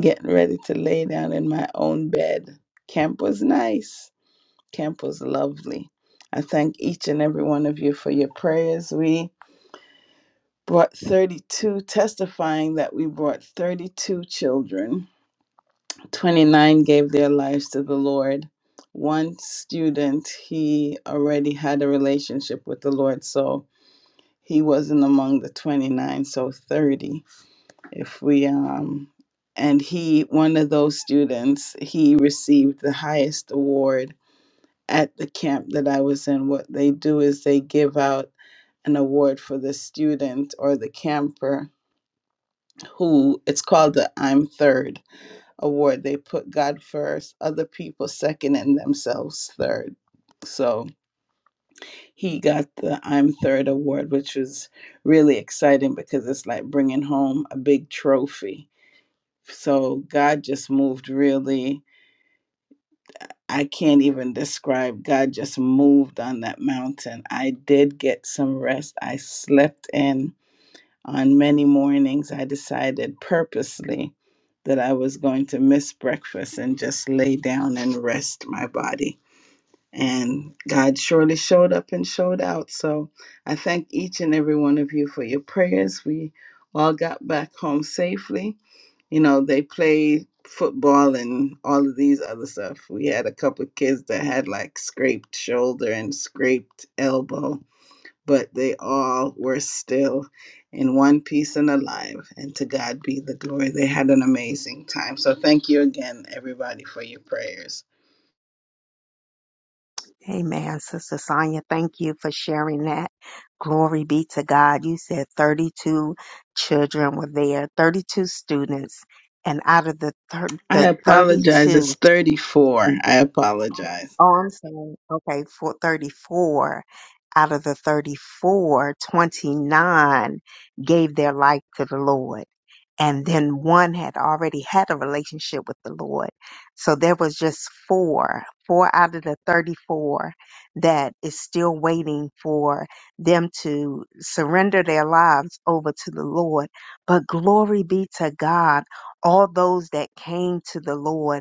D: getting ready to lay down in my own bed. Camp was nice, camp was lovely. I thank each and every one of you for your prayers. We brought 32, testifying that we brought 32 children. 29 gave their lives to the Lord. One student, he already had a relationship with the Lord, so he wasn't among the 29 so 30 if we um and he one of those students he received the highest award at the camp that i was in what they do is they give out an award for the student or the camper who it's called the i'm third award they put god first other people second and themselves third So. he got the I'm Third award, which was really exciting because it's like bringing home a big trophy. So God just moved really. I can't even describe. God just moved on that mountain. I did get some rest. I slept in on many mornings. I decided purposely that I was going to miss breakfast and just lay down and rest my body and God surely showed up and showed out. So I thank each and every one of you for your prayers. We all got back home safely. You know, they play football and all of these other stuff. We had a couple of kids that had like scraped shoulder and scraped elbow, but they all were still in one piece and alive. And to God be the glory. They had an amazing time. So thank you again, everybody, for your prayers.
A: Amen, Sister Sonia. Thank you for sharing that. Glory be to God. You said 32 children were there, 32 students, and out of the thir-
D: I
A: the
D: apologize.
A: 32.
D: It's 34. I apologize.
A: Oh, I'm saying, okay, for 34 out of the 34, 29 gave their life to the Lord. And then one had already had a relationship with the Lord. So there was just four, four out of the 34 that is still waiting for them to surrender their lives over to the Lord. But glory be to God, all those that came to the Lord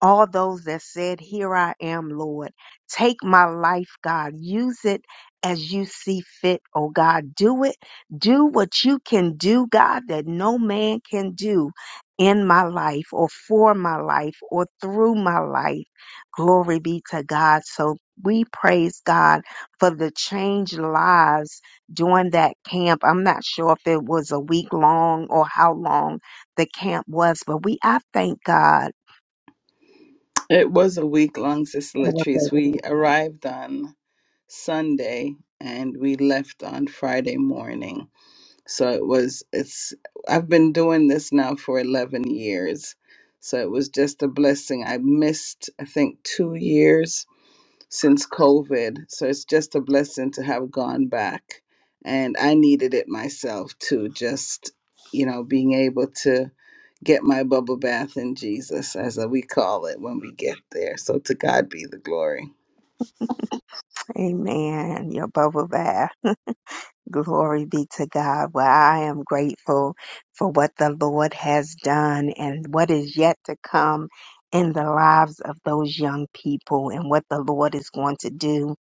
A: all those that said, Here I am, Lord. Take my life, God. Use it as you see fit, oh God. Do it. Do what you can do, God, that no man can do in my life or for my life or through my life. Glory be to God. So we praise God for the changed lives during that camp. I'm not sure if it was a week long or how long the camp was, but we, I thank God
D: It was a week long, Sister Latrice. We arrived on Sunday and we left on Friday morning. So it was, it's, I've been doing this now for 11 years. So it was just a blessing. I missed, I think, two years since COVID. So it's just a blessing to have gone back. And I needed it myself too, just, you know, being able to get my bubble bath in Jesus, as we call it when we get there. So to God be the glory.
A: Amen. Yehovah, Rapha. glory be to God. Well, I am grateful for what the Lord has done and what is yet to come in the lives of those young people and what the Lord is going to do.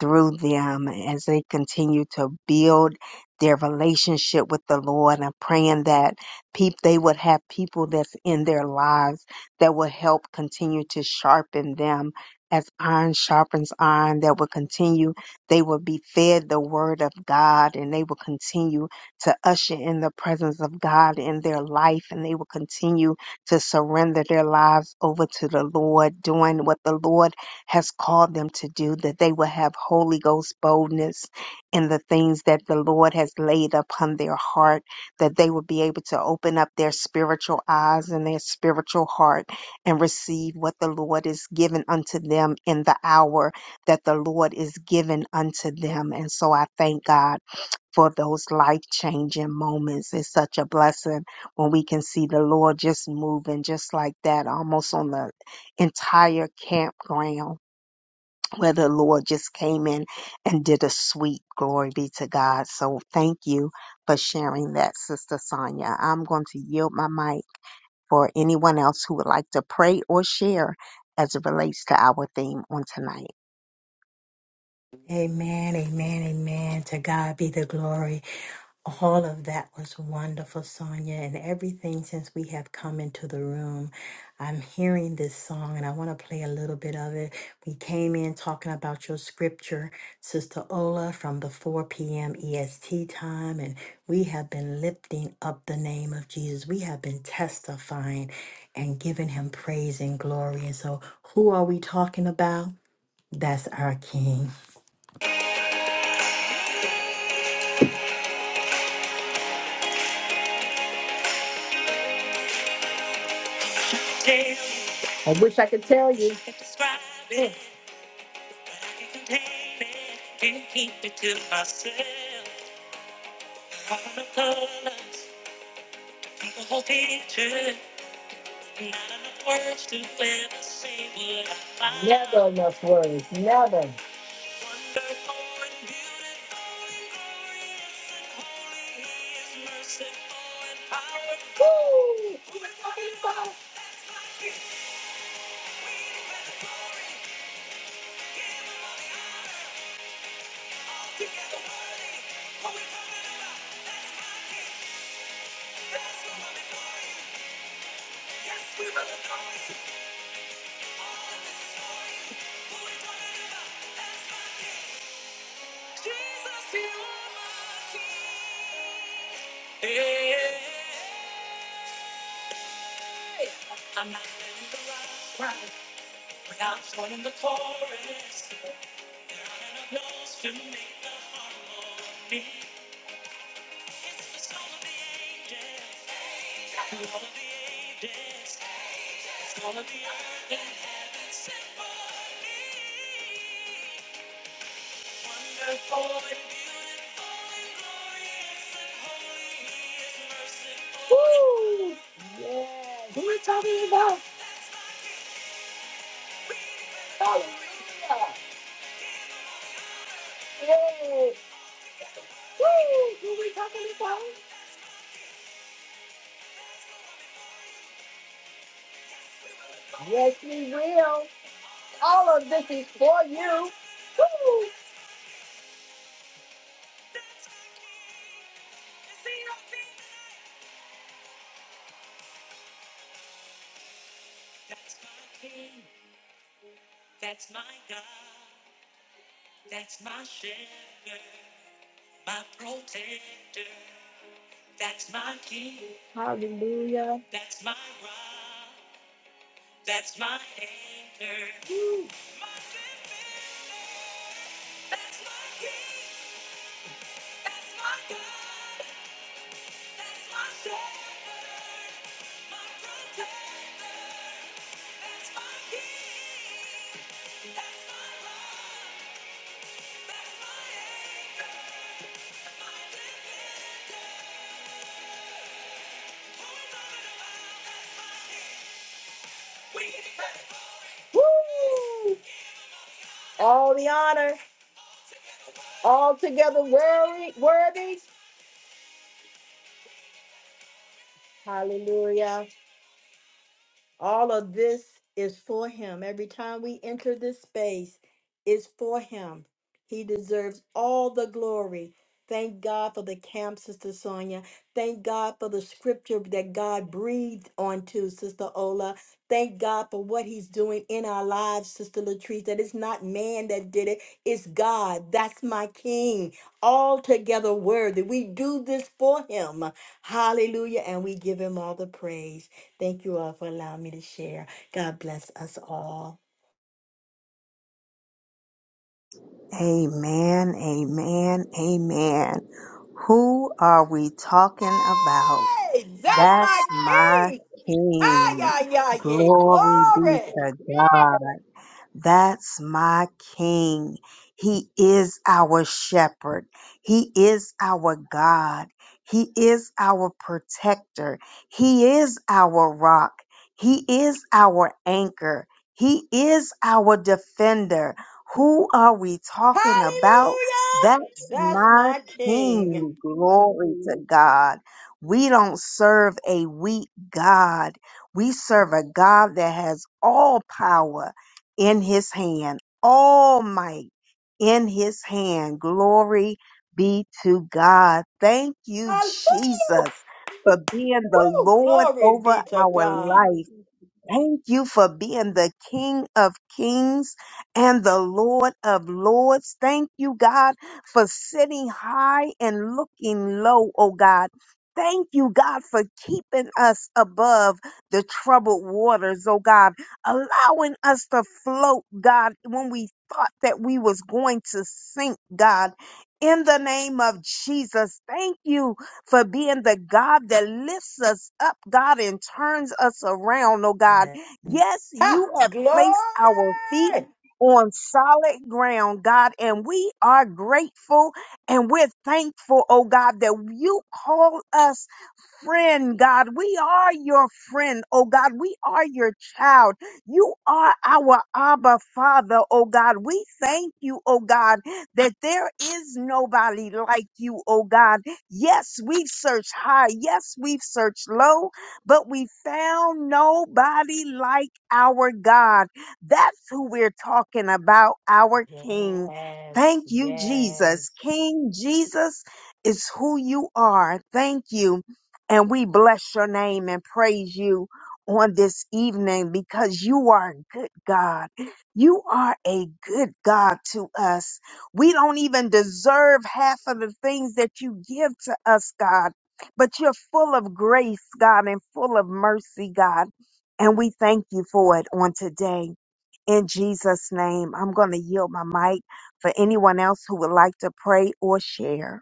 A: through them as they continue to build their relationship with the Lord. I'm praying that peop- they would have people that's in their lives that will help continue to sharpen them as iron sharpens iron, that will continue. They will be fed the word of God and they will continue to usher in the presence of God in their life and they will continue to surrender their lives over to the Lord, doing what the Lord has called them to do, that they will have Holy Ghost boldness in the things that the Lord has laid upon their heart, that they will be able to open up their spiritual eyes and their spiritual heart and receive what the Lord is given unto them in the hour that the Lord is given unto them. And so I thank God for those life changing moments. It's such a blessing when we can see the Lord just moving just like that, almost on the entire campground where the Lord just came in and did a sweet glory be to God. So thank you for sharing that, Sister Sonia. I'm going to yield my mic for anyone else who would like to pray or share as it relates to our theme on tonight.
B: Amen. Amen. Amen. To God be the glory. All of that was wonderful, Sonia, and everything since we have come into the room. I'm hearing this song and I want to play a little bit of it. We came in talking about your scripture, Sister Ola, from the 4 p.m. EST time, and we have been lifting up the name of Jesus. We have been testifying and giving him praise and glory. And so, who are we talking about? That's our King. I I wish I could tell you. Never enough words. Never. Woo! Yeah, Who we talking about? Hallelujah. Yay. Woo! Who we talking about? Yes, we will. All of this is for you. Woo! Hallelujah. Woo! All the honor. altogether worthy, worthy. Hallelujah. All of this is for him. Every time we enter this space is for him. He deserves all the glory. Thank God for the camp, Sister Sonia. Thank God for the scripture that God breathed onto, Sister Ola. Thank God for what he's doing in our lives, Sister Latrice. That it's not man that did it, it's God. That's my king. Altogether worthy. We do this for him. Hallelujah. And we give him all the praise. Thank you all for allowing me to share. God bless us all.
A: Amen, amen, amen. Who are we talking about?
B: Hey, that's
A: That's
B: my
A: my
B: king.
A: King.
B: Hi, yeah, yeah, yeah.
A: Glory be
B: Glory.
A: to God. That's my King. He is our shepherd. He is our God. He is our protector. He is our rock. He is our anchor. He is our defender. Who are we talking about?
B: Hallelujah.
A: That's
B: That's
A: my
B: my king.
A: King. Glory to God. We don't serve a weak God. We serve a God that has all power in his hand, all might in his hand. Glory be to God. Thank you,
B: Hallelujah.
A: Jesus, for being the
B: Woo,
A: Lord
B: glory
A: over
B: be to
A: our
B: God.
A: life. Thank you for being the King of Kings and the Lord of Lords. Thank you, God, for sitting high and looking low, oh God. Thank you, God, for keeping us above the troubled waters, oh God, allowing us to float, God, when we thought that we was going to sink, God. In the name of Jesus, thank you for being the God that lifts us up, God, and turns us around, oh God.
B: *laughs*
A: Yes,
B: Ha,
A: you have placed our feet
B: glory.
A: on solid ground, God, and we are grateful and we're thankful, oh God, that you call us friend, God. We are your friend, oh God. We are your child. You are our Abba Father, oh God. We thank you, oh God, that there is nobody like you, oh God. Yes, we've searched high. Yes, we've searched low, but we found nobody like our God. That's who we're talking about, our King. Thank you, Jesus. King Jesus is who you are. Thank you. And we bless your name and praise you on this evening because you are a good God. You are a good God to us. We don't even deserve half of the things that you give to us, God. But you're full of grace, God, and full of mercy, God. And we thank you for it on today. In Jesus' name, I'm going to yield my mic for anyone else who would like to pray or share.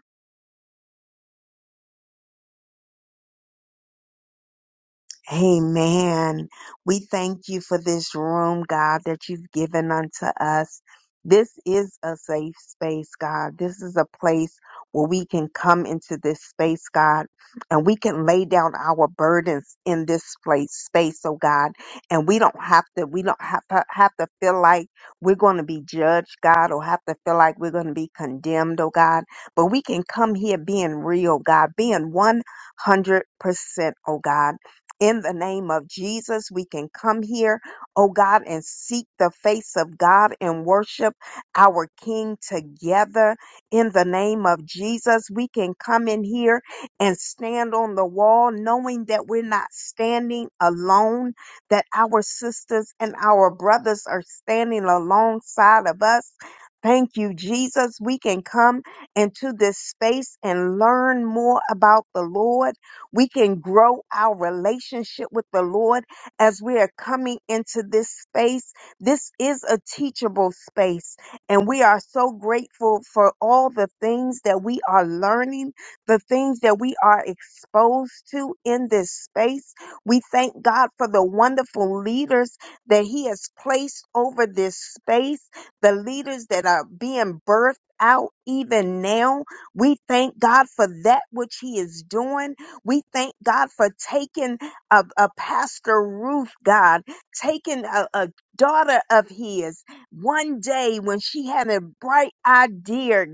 A: Amen. We thank you for this room, God, that you've given unto us. This is a safe space, God. This is a place where we can come into this space, God, and we can lay down our burdens in this place, space, oh God. And we don't have to, we don't have to, have to feel like we're going to be judged, God, or have to feel like we're going to be condemned, oh God. But we can come here being real, God, being 100%, oh God in the name of Jesus. We can come here, oh God, and seek the face of God and worship our King together in the name of Jesus. We can come in here and stand on the wall knowing that we're not standing alone, that our sisters and our brothers are standing alongside of us. Thank you, Jesus. We can come into this space and learn more about the Lord we can grow our relationship with the Lord as we are coming into this space. This is a teachable space, and we are so grateful for all the things that we are learning, the things that we are exposed to in this space. We thank God for the wonderful leaders that He has placed over this space, the leaders that are being birthed out even now. We thank God for that which He is doing. We thank God for taking a, a Pastor Ruth, God, taking a, a daughter of his one day when she had a bright idea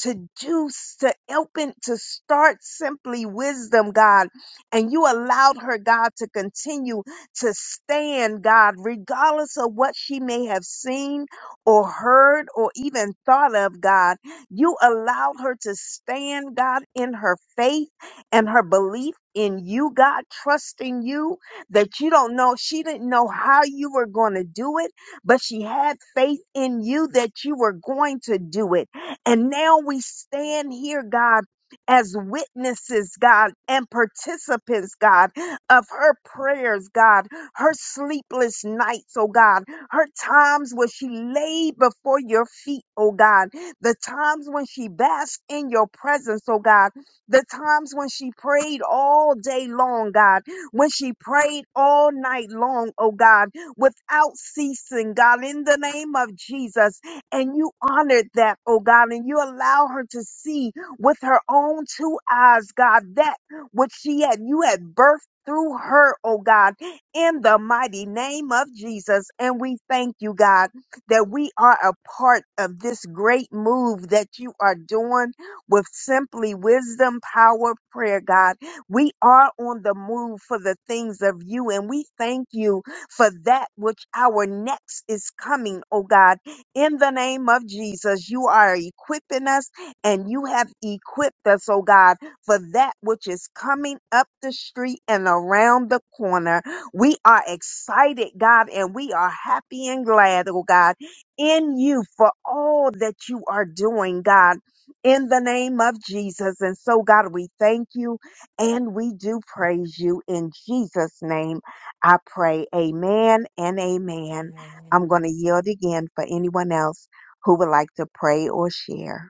A: to do, s- to open, to start simply wisdom, God. And you allowed her, God, to continue to stand, God, regardless of what she may have seen or heard or even thought of, God. You allowed her to stand, God, in her faith and her belief in you, God, trusting you that you don't know. She didn't know how you were going to do it, but she had faith in you that you were going to do it. And now we stand here, God. As witnesses, God, and participants, God, of her prayers, God, her sleepless nights, oh God, her times when she laid before your feet, oh God, the times when she basked in your presence, oh God, the times when she prayed all day long, God, when she prayed all night long, oh God, without ceasing, God, in the name of Jesus. And you honored that, oh God, and you allow her to see with her own two eyes, God, that which she had, you had birthed through her, oh God, in the mighty name of Jesus. And we thank you, God, that we are a part of this great move that you are doing with simply wisdom, power, prayer, God. We are on the move for the things of you, and we thank you for that which our next is coming, oh God. In the name of Jesus, you are equipping us, and you have equipped us, oh God, for that which is coming up the street and around the corner. We are excited, God, and we are happy and glad, oh God, in you for all that you are doing, God in the name of Jesus. And so, God, we thank you and we do praise you. In Jesus' name, I pray. Amen and amen. I'm
B: Amen.
A: going to yield again for anyone else who would like to pray or share.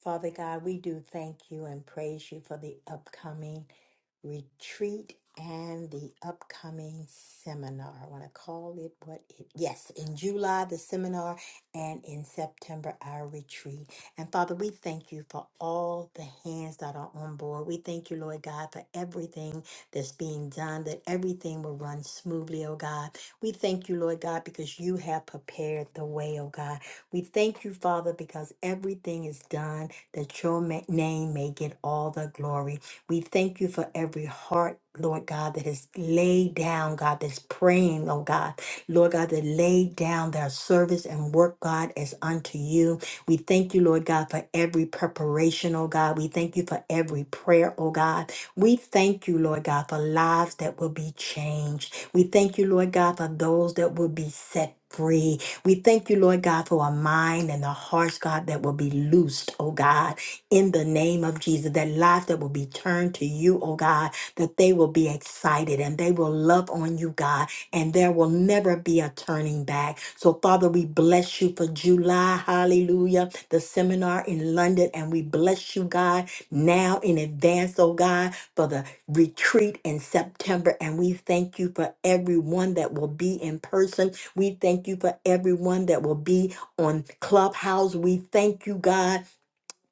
B: Father God, we do thank you and praise you for the upcoming retreat and the upcoming seminar. I want to call it what it yes, in July the seminar and in September our retreat. And Father, we thank you for all the hands that are on board. We thank you, Lord God, for everything that's being done, that everything will run smoothly, oh God. We thank you, Lord God, because you have prepared the way, oh God. We thank you, Father, because everything is done that your ma- name may get all the glory. We thank you for every heart, Lord God, that is laid down, God, that's praying, oh God. Lord God, that laid down their service and work, God, as unto you. We thank you, Lord God, for every preparation, oh God. We thank you for every prayer, oh God. We thank you, Lord God, for lives that will be changed. We thank you, Lord God, for those that will be set free. We thank you, Lord God, for a mind and the hearts, God, that will be loosed, oh God, in the name of Jesus, that lives that will be turned to you, oh God, that they will be excited and they will love on you, God, and there will never be a turning back. So, Father, we bless you for July, hallelujah, the seminar in London, and we bless you, God, now in advance, oh God, for the retreat in September. And we thank you for everyone that will be in person we thank you for everyone that will be on Clubhouse. We thank you, God,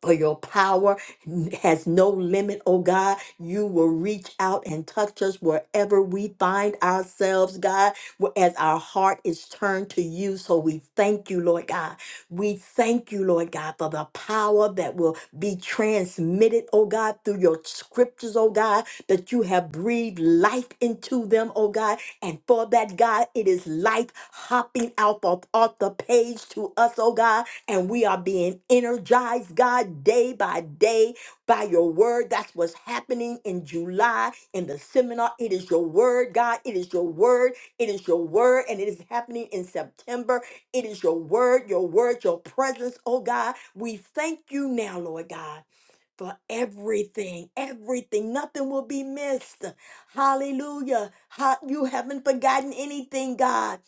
B: for your power n- has no limit, oh God. You will reach out and touch us wherever we find ourselves, God, wh- as our heart is turned to you. So we thank you, Lord God. We thank you, Lord God, for the power that will be transmitted, oh God, through your scriptures, oh God, that you have breathed life into them, oh God. And for that, God, it is life hopping out of off the page to us, oh God and we are being energized, God, day by day by your word. That's what's happening in July in the seminar. It is your word, God. It is your word. It is your word, and it is happening in September. It is your word, your word, your presence, oh God. We thank you now, Lord God for everything, everything. Nothing will be missed. Hallelujah. Ha- You haven't forgotten anything, God.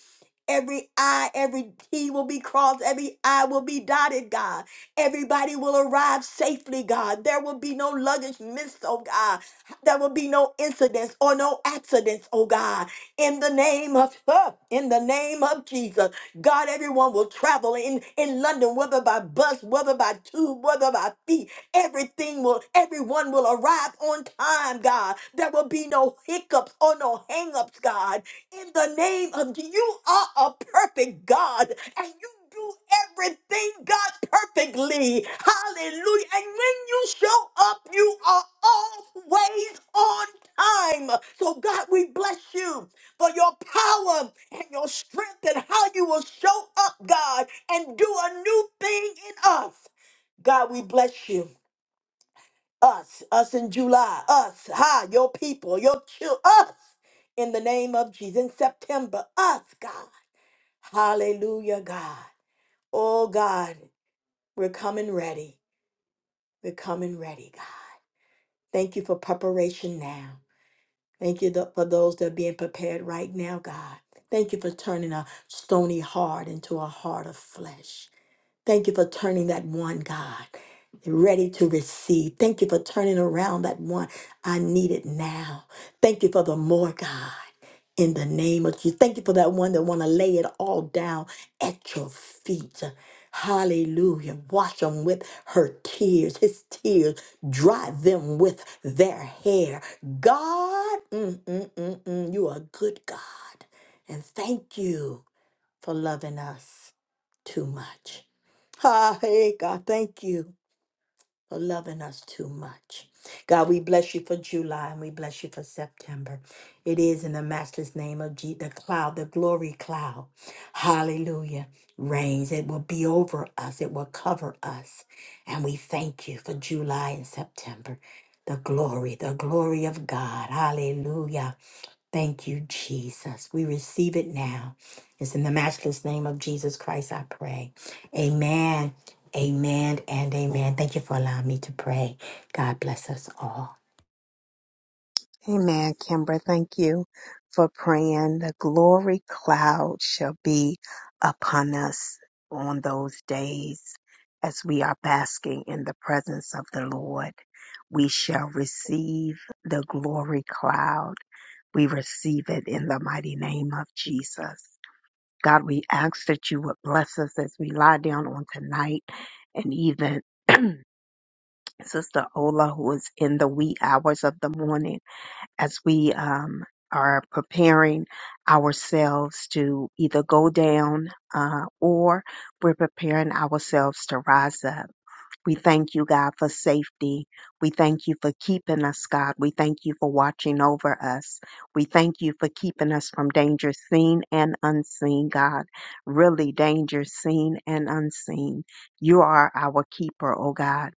B: Every I, every T will be crossed, every I will be dotted, God. Everybody will arrive safely, God. There will be no luggage missed, oh God. There will be no incidents or no accidents, oh God. In the name of *laughs* in the name of Jesus. God, everyone will travel in, in London, whether by bus, whether by tube, whether by feet. Everything will, everyone will arrive on time, God. There will be no hiccups or no hangups, God in the name of Je- you are a perfect God and you do everything God perfectly. Hallelujah. And when you show up, you are always on time. So God, we bless you for your power and your strength and how you will show up, God, and do a new thing in us. God, we bless you us, us in July, us, ha, your people, your children, us, in the name of Jesus, in September, us, God. Hallelujah, God. Oh, God, we're coming ready. We're coming ready, God. Thank you for preparation now. Thank you th- for those that are being prepared right now, God. Thank you for turning a stony heart into a heart of flesh. Thank you for turning that one, God, ready to receive. Thank you for turning around that one. I need it now. Thank you for the more, God. In the name of Jesus. Thank you for that one that want to lay it all down at your feet. Hallelujah. Wash them with her tears, his tears. Dry them with their hair. God, mm, mm, mm, mm, you are a good God. And thank you for loving us too much. Ah, hey, God, thank you for loving us too much. God, we bless you for July and we bless you for September. It is in the matchless name of Jesus, the cloud, the glory cloud. Hallelujah. Rains. It will be over us, it will cover us. And we thank you for July and September. The glory, the glory of God. Hallelujah. Thank you, Jesus. We receive it now. It's in the matchless name of Jesus Christ I pray. Amen, amen, and amen. Thank you for allowing me to pray. God bless us all.
A: Amen, Kimber. Thank you for praying. The glory cloud shall be upon us on those days as we are basking in the presence of the Lord. We shall receive the glory cloud. We receive it in the mighty name of Jesus. God, we ask that you would bless us as we lie down on tonight and even *clears throat* Sister Ola, who is in the wee hours of the morning as we um, are preparing ourselves to either go down uh, or we're preparing ourselves to rise up. We thank you, God, for safety. We thank you for keeping us, God. We thank you for watching over us. We thank you for keeping us from danger seen and unseen, God. Really, danger seen and unseen. You are our keeper, oh God.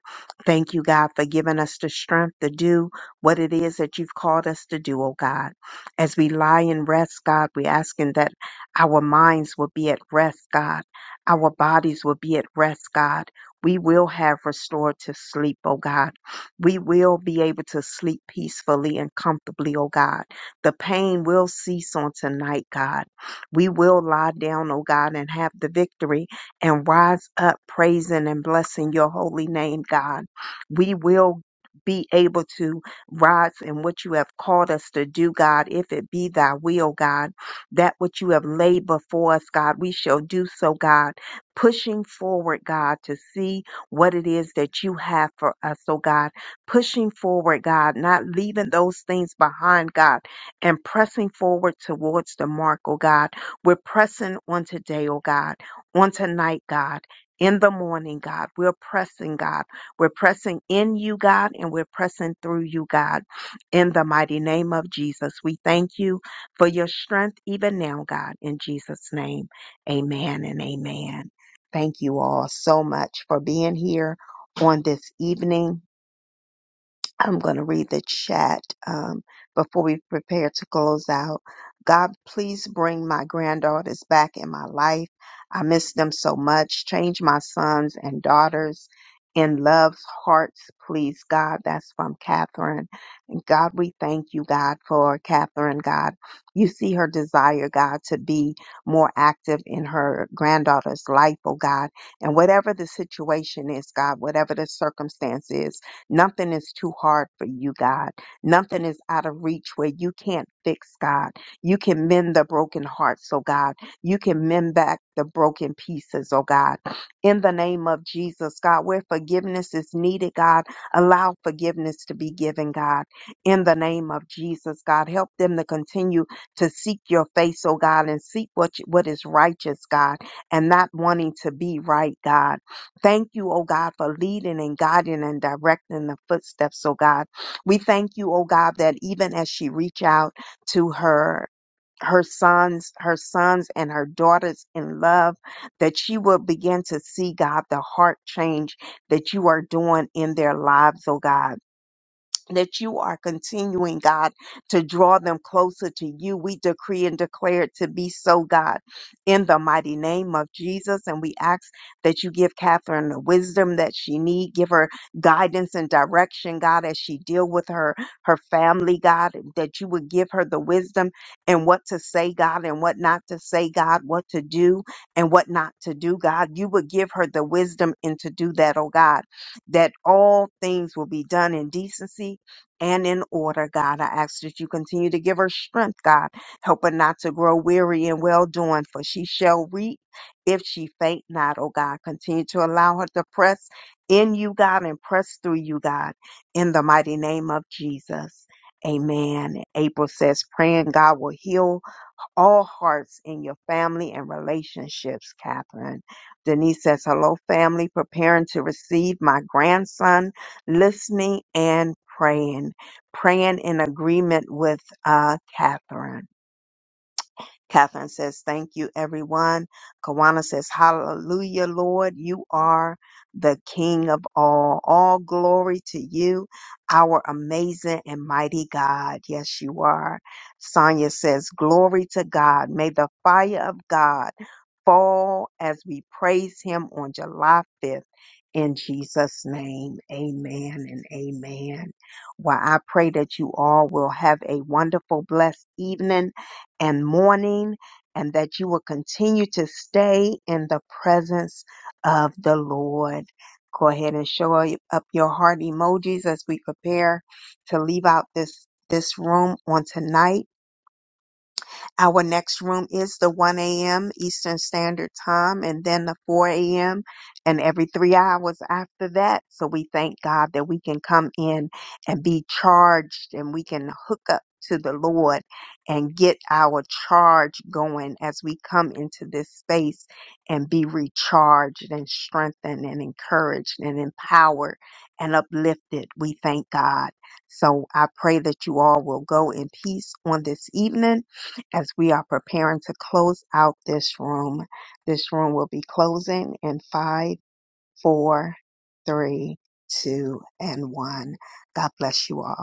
A: Thank you, God, for giving us the strength to do what it is that you've called us to do, oh God. As we lie and rest, God, we're asking that our minds will be at rest, God. Our bodies will be at rest, God we will have restorative sleep, oh God. We will be able to sleep peacefully and comfortably, oh God. The pain will cease on tonight, God. We will lie down, oh God, and have the victory and rise up praising and blessing your holy name, God. We will be able to rise in what you have called us to do, God, if it be thy will, God. That which you have laid before us, God, we shall do so, God pushing forward, God, to see what it is that you have for us, oh God. Pushing forward, God, not leaving those things behind, God, and pressing forward towards the mark, oh God. We're pressing on today, oh God, on tonight, God. In the morning, God, we're pressing, God. We're pressing in you, God, and we're pressing through you, God. In the mighty name of Jesus, we thank you for your strength even now, God. In Jesus' name, amen and amen. Thank you all so much for being here on this evening. I'm going to read the chat um, before we prepare to close out. God, please bring my granddaughters back in my life. I miss them so much. Change my sons and daughters in love's hearts, please, God. That's from Catherine. And God, we thank you, God, for Catherine, God. You see her desire, God, to be more active in her granddaughter's life, oh God. And whatever the situation is, God, whatever the circumstance is, Nothing is too hard for you, God. Nothing is out of reach where you can't fix, God. You can mend the broken hearts, oh God. You can mend back the broken pieces, oh God. In the name of Jesus, God, where forgiveness is needed, God, allow forgiveness to be given, God. In the name of Jesus, God, help them to continue to seek your face, oh God, and seek what, you- what is righteous, God, and not wanting to be right, God Thank you, oh God, for leading and guiding and directing the footsteps, oh God. We thank you, oh God, that even as she reach out to her her sons, her sons and her daughters in love, that she will begin to see, God, the heart change that you are doing in their lives, oh God that you are continuing, God, to draw them closer to you. We decree and declare it to be so, God, in the mighty name of Jesus. And we ask that you give Catherine the wisdom that she need, give her guidance and direction, God, as she deal with her, her family, God, that you would give her the wisdom and what to say, God, and what not to say, God, what to do and what not to do, God. You would give her the wisdom and to do that, oh God that all things will be done in decency and in order, God. I ask that you continue to give her strength, God. Help her not to grow weary and well doing, for she shall reap if she faint not, oh God. Continue to allow her to press in you, God, and press through you, God, in the mighty name of Jesus. Amen. April says, praying God will heal all hearts in your family and relationships, Catherine. Denise says, Hello, family, preparing to receive my grandson, listening and praying, praying in agreement with uh, Catherine. Catherine says, Thank you, everyone. Kawana says, Hallelujah, Lord. You are the King of all. All glory to you, our amazing and mighty God. Yes, you are. Sonia says, Glory to God. May the fire of God fall as we praise him on July 5th. In Jesus' name, amen and amen. Well, I pray that you all will have a wonderful, blessed evening and mourning, and that you will continue to stay in the presence of the Lord. Go ahead and show up your heart emojis as we prepare to leave out this this room on tonight. Our next room is the 1 a.m. Eastern Standard Time and then the 4 a.m. and every three hours after that. So we thank God that we can come in and be charged and we can hook up to the Lord and get our charge going as we come into this space and be recharged and strengthened and encouraged and empowered and uplifted. We thank God. So I pray that you all will go in peace on this evening as we are preparing to close out this room. This room will be closing in five, four, three, two, and one. God bless you all.